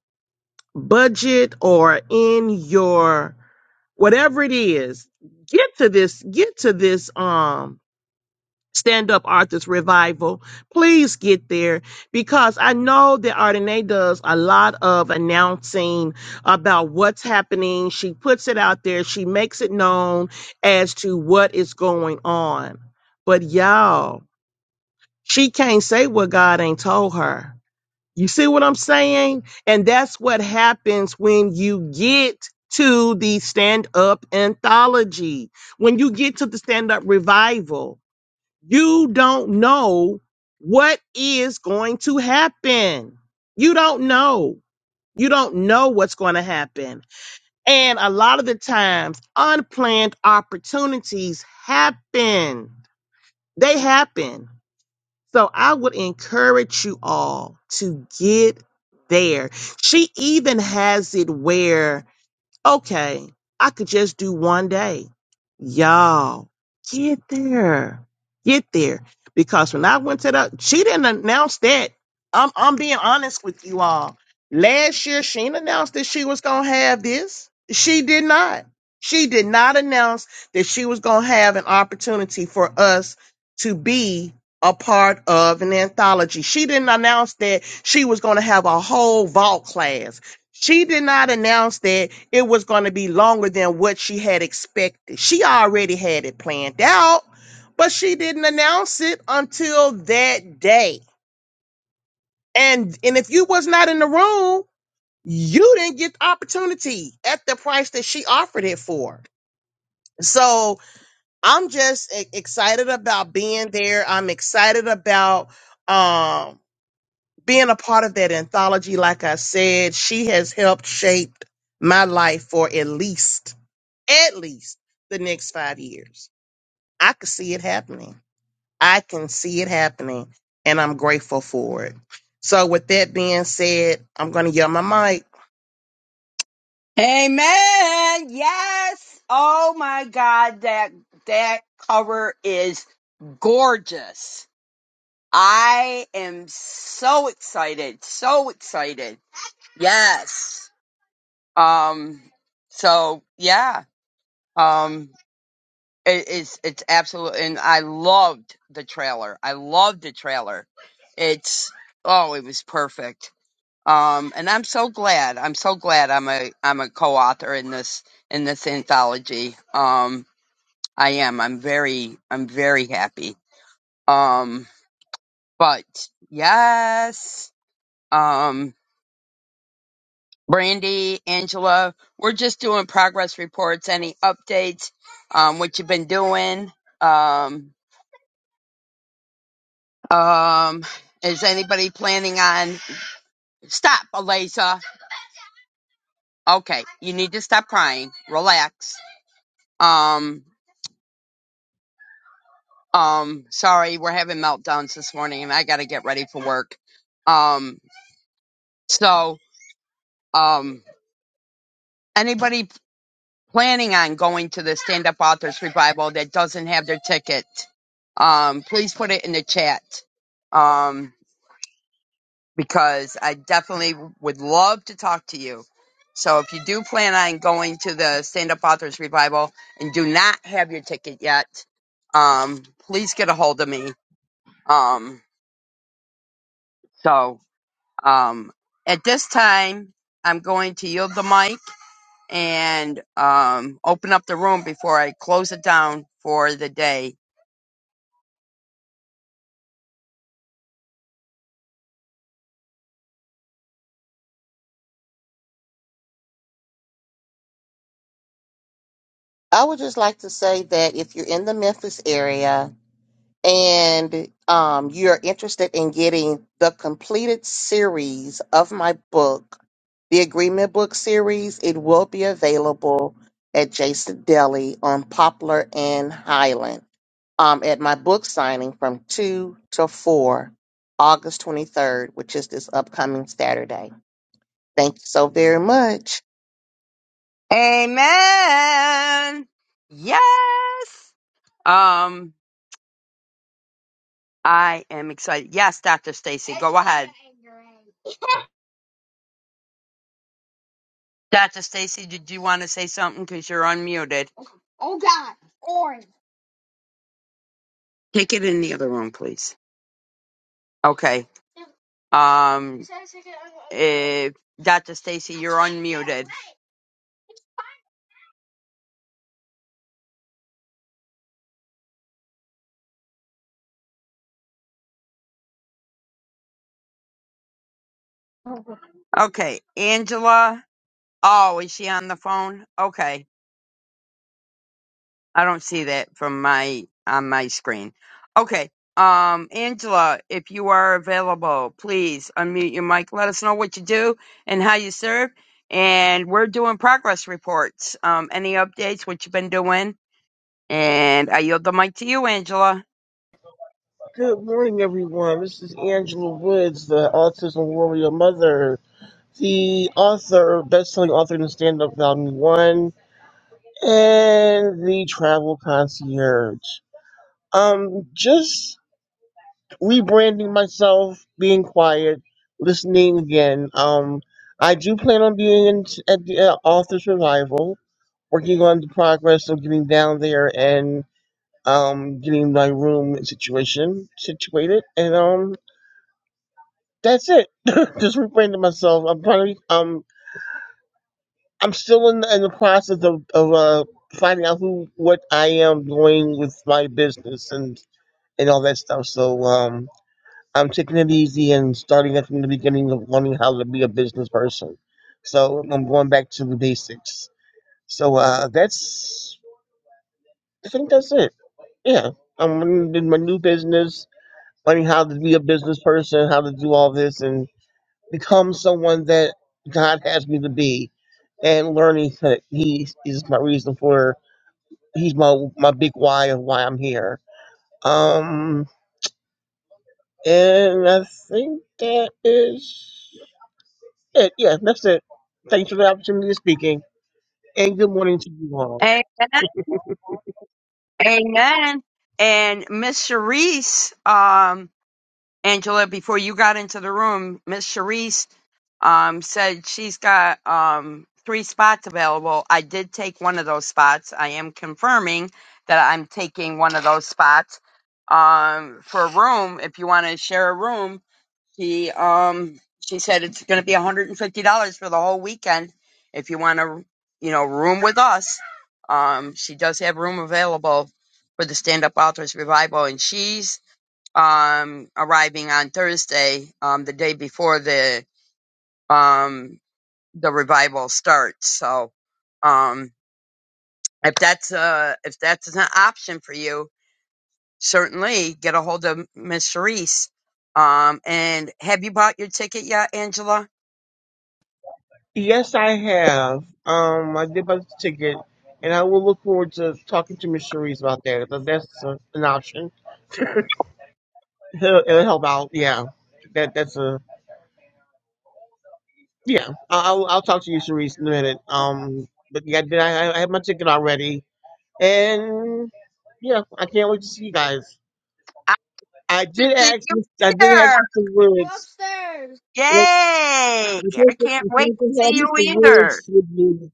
H: budget or in your whatever it is, get to this, get to this. um Stand Up Arthur's Revival. Please get there because I know that Ardenae does a lot of announcing about what's happening. She puts it out there, she makes it known as to what is going on. But y'all, she can't say what God ain't told her. You see what I'm saying? And that's what happens when you get to the stand up anthology, when you get to the stand up revival you don't know what is going to happen. You don't know. You don't know what's going to happen. And a lot of the times, unplanned opportunities happen. They happen. So I would encourage you all to get there. She even has it where Okay, I could just do one day. Y'all, get there. Get there. Because when I went to the, she didn't announce that. I'm, I'm being honest with you all. Last year, she didn't announce that she was going to have this. She did not. She did not announce that she was going to have an opportunity for us to be a part of an anthology. She didn't announce that she was going to have a whole vault class. She did not announce that it was going to be longer than what she had expected. She already had it planned out, but she didn't announce it until that day. And and if you was not in the room, you didn't get the opportunity at the price that she offered it for. So I'm just e- excited about being there. I'm excited about um being a part of that anthology. Like I said, she has helped shape my life for at least at least the next five years. I could see it happening. I can see it happening, and I'm grateful for it. So, with that being said, I'm going to yell my mic.
C: Amen. Yes. Oh my God, that that cover is gorgeous. I am so excited, so excited. Yes. Um. So yeah. Um. It, it's it's absolute, and I loved the trailer. I loved the trailer. It's oh, it was perfect. Um. And I'm so glad. I'm so glad. I'm a I'm a co-author in this in this anthology. Um. I am. I'm very I'm very happy. Um. But yes. Um. Brandy, Angela, we're just doing progress reports, any updates, um, what you've been doing. Um, um, is anybody planning on stop, Eliza? Okay, you need to stop crying. Relax. Um, um, sorry, we're having meltdowns this morning, and I got to get ready for work. Um, so, um, anybody? planning on going to the Stand Up Authors Revival that doesn't have their ticket, um, please put it in the chat um, because I definitely would love to talk to you. So if you do plan on going to the Stand Up Authors Revival and do not have your ticket yet, um, please get a hold of me. Um, so um, at this time, I'm going to yield the mic and um, open up the room before I close it down for the day.
H: I would just like to say that if you're in the Memphis area and um, you're interested in getting the completed series of my book, the Agreement Book Series, it will be available at Jason Deli on Poplar and Highland. um, at my book signing from 2 to 4, August 23rd, which is this upcoming Saturday. Thank you so very much.
C: Amen. Yes. Um, I am excited. Yes, Dr. Stacy, go ahead. Dr. Stacy, did you want to say something? Because you're unmuted. Take it in the other room, please. Okay. Um, if Dr. Stacy, you're unmuted. Okay. Angela. Oh, is she on the phone? Okay. I don't see that from my on my screen. Okay. Um, Angela, if you are available, please unmute your mic. Let us know what you do and how you serve. And we're doing progress reports. Um, any updates, what you've been doing? And I yield the mic to you, Angela.
I: Good morning, everyone. This is Angela Woods, the Autism Warrior Mother, the author, best-selling author in the Stand Up Volume One, and the Travel Concierge. Um, just rebranding myself, being quiet, listening again. Um, I do plan on being in, at the uh, Authors Revival, working on the progress of getting down there and um getting my room situation situated, and um that's it. <laughs> Just rebranded myself. I'm probably um I'm still in the, in the process of of uh finding out who what I am doing with my business and and all that stuff. So um I'm taking it easy and starting at from the beginning of learning how to be a business person. So I'm going back to the basics. So uh that's I think that's it. Yeah, I'm in my new business, learning how to be a business person, how to do all this, and. become someone that God has me to be, and learning that He is my reason for He's my my big why of why I'm here. Um, and I think that is it. Yeah, that's it. Thanks for the opportunity of speaking, and good morning to you all.
C: Amen. Amen. And Miss Sharice, um, Angela, before you got into the room, Miss Sharice um, said she's got um, three spots available. I did take one of those spots. I am confirming that I'm taking one of those spots um, for a room. If you want to share a room, she um, she said it's going to be $150 for the whole weekend. If you want to, you know, room with us, um, she does have room available for the Stand Up Authors Revival, and she's um, arriving on Thursday, um, the day before the. Um, the revival starts. So, um, if that's uh if that's an option for you, certainly get a hold of Miss Sharice. Um, and have you bought your ticket yet, Angela?
I: Yes, I have. Um, I did buy the ticket, and I will look forward to talking to Miss Cherise about that. If that's a, an option, it'll, it'll help out. Yeah, that that's a Yeah, I- I'll I'll talk to you, Cerise, in a minute. Um, but yeah, I I I have my ticket already, and yeah, I can't wait to see you guys.
C: I
I: I
C: should
I: did
C: see
I: ask,
C: you
I: Mis- I did ask
C: here.
I: Mr. Woods. Like,
C: Yay!
I: we
C: I
I: supposed to
C: can't
I: we
C: wait
I: supposed
C: to
I: to have
C: see you
I: Mr.
C: either.
I: Woods with me.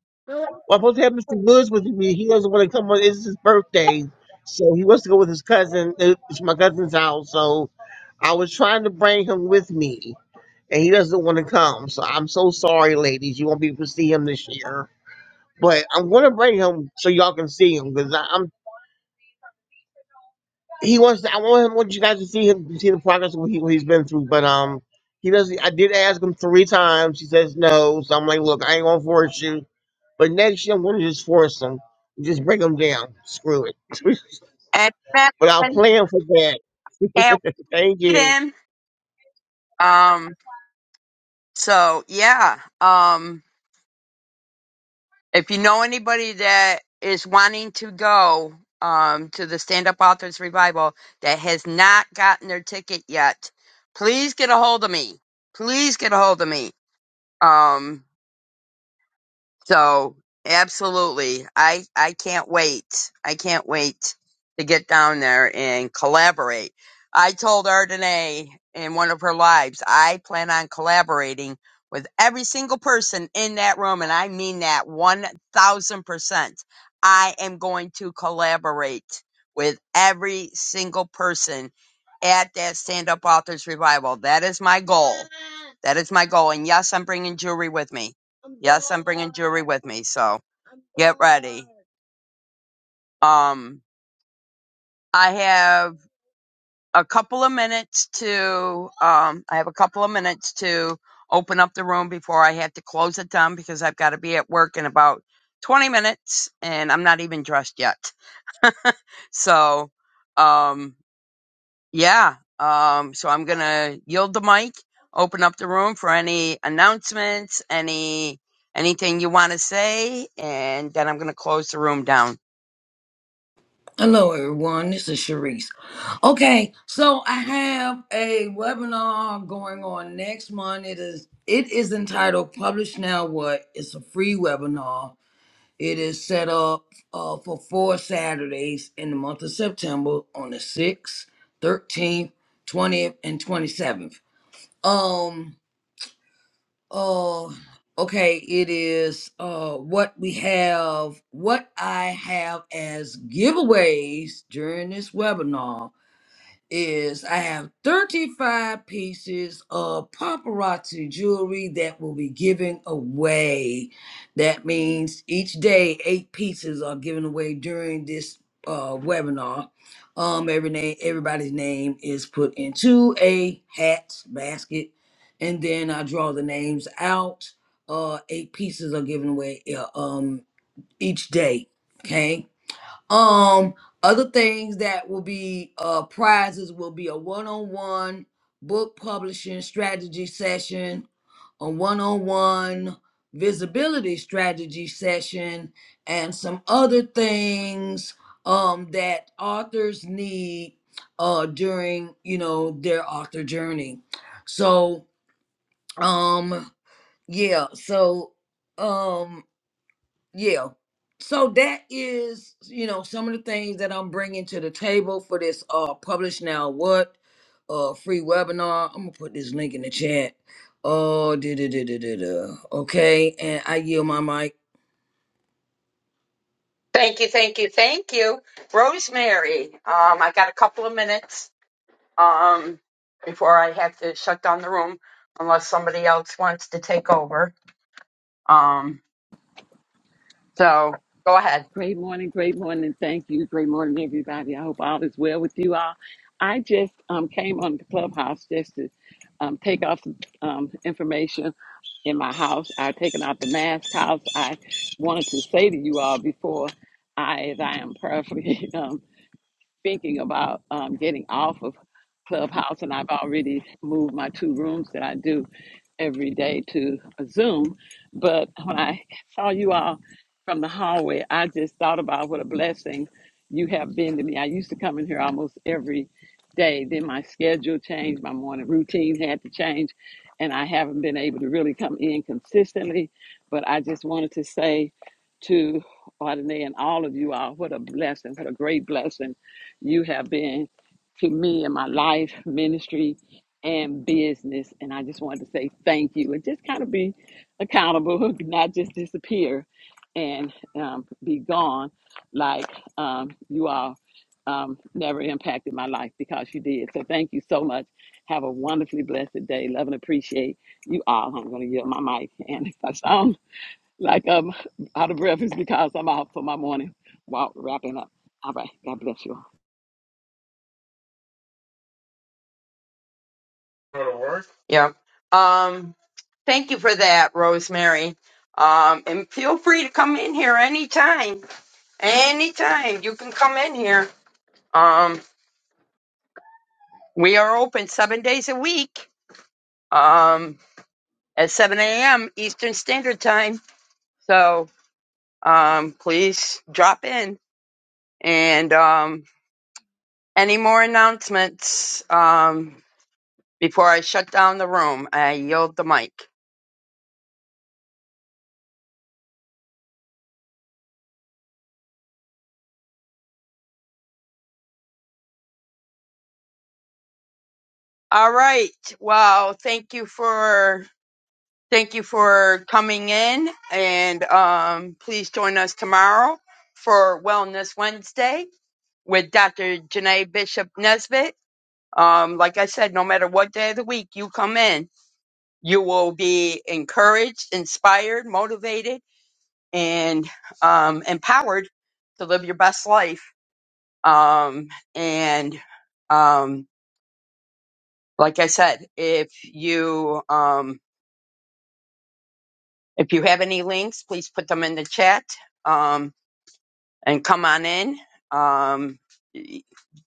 I: Well, I'm supposed to have Mr. Woods with me. He doesn't want to come on. It's his birthday, so he wants to go with his cousin. uh, It's my cousin's house, so I was trying to bring him with me, and he doesn't want to come. So I'm so sorry, ladies. You won't be able to see him this year. But I'm gonna bring him so y'all can see him because I'm he wants to, I want him want you guys to see him see the progress of what, he, what he's been through. But um he doesn't I did ask him three times. He says no. So I'm like, look, I ain't gonna force you. But next year I'm gonna just force him. Just bring him down. Screw it. <laughs>
C: And then
I: but I'll plan for that.
C: can't
I: Thank
C: wait
I: you.
C: in. Um, so yeah. Um, if you know anybody that is wanting to go um, to the Stand Up Authors Revival that has not gotten their ticket yet, please get a hold of me. Please get a hold of me. Um, so absolutely, I I can't wait. I can't wait to get down there and collaborate. I told Ardenae in one of her lives, I plan on collaborating with every single person in that room, and I mean that one thousand percent. I am going to collaborate with every single person at that Stand Up Authors Revival. That is my goal. That is my goal. And yes, I'm bringing jewelry with me Yes, I'm bringing jewelry with me, so get ready. Um, I have a couple of minutes to, um, I have a couple of minutes to open up the room before I have to close it down because I've got to be at work in about 20 minutes and I'm not even dressed yet. So, um, yeah. Um, so I'm going to yield the mic, open up the room for any announcements, any, anything you want to say, and then I'm going to close the room down.
A: Hello, everyone. This is Sharice. Okay, so I have a webinar going on next month. It is it is entitled "Publish Now What." It's a free webinar. It is set up uh, for four Saturdays in the month of September on the sixth, thirteenth, twentieth, and twenty seventh. Um. Oh, okay. It is uh what we have, what I have as giveaways during this webinar is I have 35 pieces of paparazzi jewelry that will be given away. That means each day, eight pieces are given away during this uh, webinar. Um, every name, everybody's name is put into a hat basket, and then I draw the names out. Uh, eight pieces are given away uh, um, each day. Okay um, other things that will be uh prizes will be a one-on-one book publishing strategy session, a one-on-one visibility strategy session, and some other things um that authors need uh during, you know, their author journey. So, um yeah, so um yeah so that is you know some of the things that i'm bringing to the table for this uh publish now what uh free webinar i'm gonna put this link in the chat oh da da da da da okay and i yield my mic
C: Thank you, thank you, thank you. Rosemary, um, I got a couple of minutes um, before I have to shut down the room unless somebody else wants to take over. Um, so go ahead.
J: Great morning, great morning. Thank you. Great morning, everybody. I hope all is well with you all. I just um, came on the clubhouse just to um, take off some um, information in my house. I've taken out the mask house. I wanted to say to you all before I, as I am prayerfully <laughs> um, thinking about um, getting off of Clubhouse, and I've already moved my two rooms that I do every day to Zoom. But when I saw you all from the hallway, I just thought about what a blessing you have been to me. I used to come in here almost every day. Then my schedule changed, my morning routine had to change, and I haven't been able to really come in consistently. But I just wanted to say to Ardenae and all of you all, what a blessing, what a great blessing you have been to me in my life, ministry, and business. And I just wanted to say thank you and just kind of be accountable, <laughs> not just disappear and um, be gone like um, you all um, never impacted my life because you did. So thank you so much. Have a wonderfully blessed day. Love and appreciate you all. I'm going to yield my mic. And <laughs> if I sound like I'm out of breath, it's because I'm out for my morning while wrapping up. All right. God bless you all.
C: Go to work? Yeah. Um, thank you for that, Rosemary. Um, and feel free to come in here anytime. Anytime you can come in here. Um, we are open seven days a week um, at 7 a.m. Eastern Standard Time. So um, please drop in. And um, any more announcements um, before I shut down the room? I yield the mic. All right. Well, thank you for thank you for coming in, and um, please join us tomorrow for Wellness Wednesday with Dr. Janae Bishop Nesbitt. Um, like I said, no matter what day of the week you come in, you will be encouraged, inspired, motivated and um, empowered to live your best life. Um, and um, like I said, if you um, if you have any links, please put them in the chat um, and come on in. Um,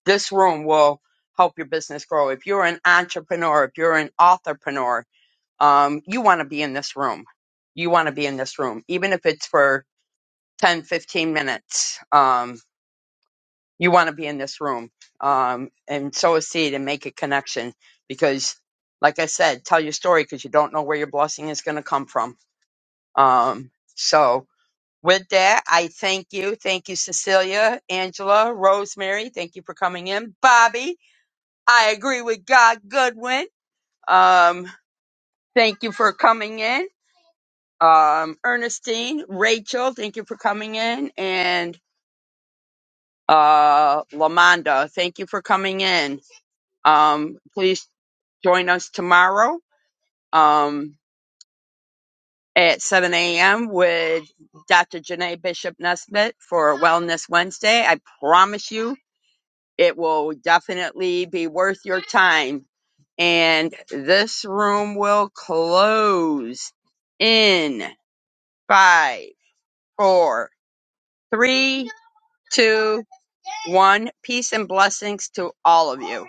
C: this room will help your business grow. If you're an entrepreneur, if you're an authorpreneur, um, you want to be in this room. You want to be in this room, even if it's for 10, 15 minutes. Um, you want to be in this room um, and sow a seed and make a connection because like i said tell your story because you don't know where your blessing is going to come from um, so with that i thank you thank you cecilia angela rosemary thank you for coming in bobby i agree with god goodwin um, thank you for coming in um, ernestine rachel thank you for coming in and uh, lamonda thank you for coming in um, please Join us tomorrow um, at 7 a.m. with Dr. Janae Bishop Nesbitt for Wellness Wednesday. I promise you, it will definitely be worth your time. And this room will close in five, four, three, two, one. Peace and blessings to all of you.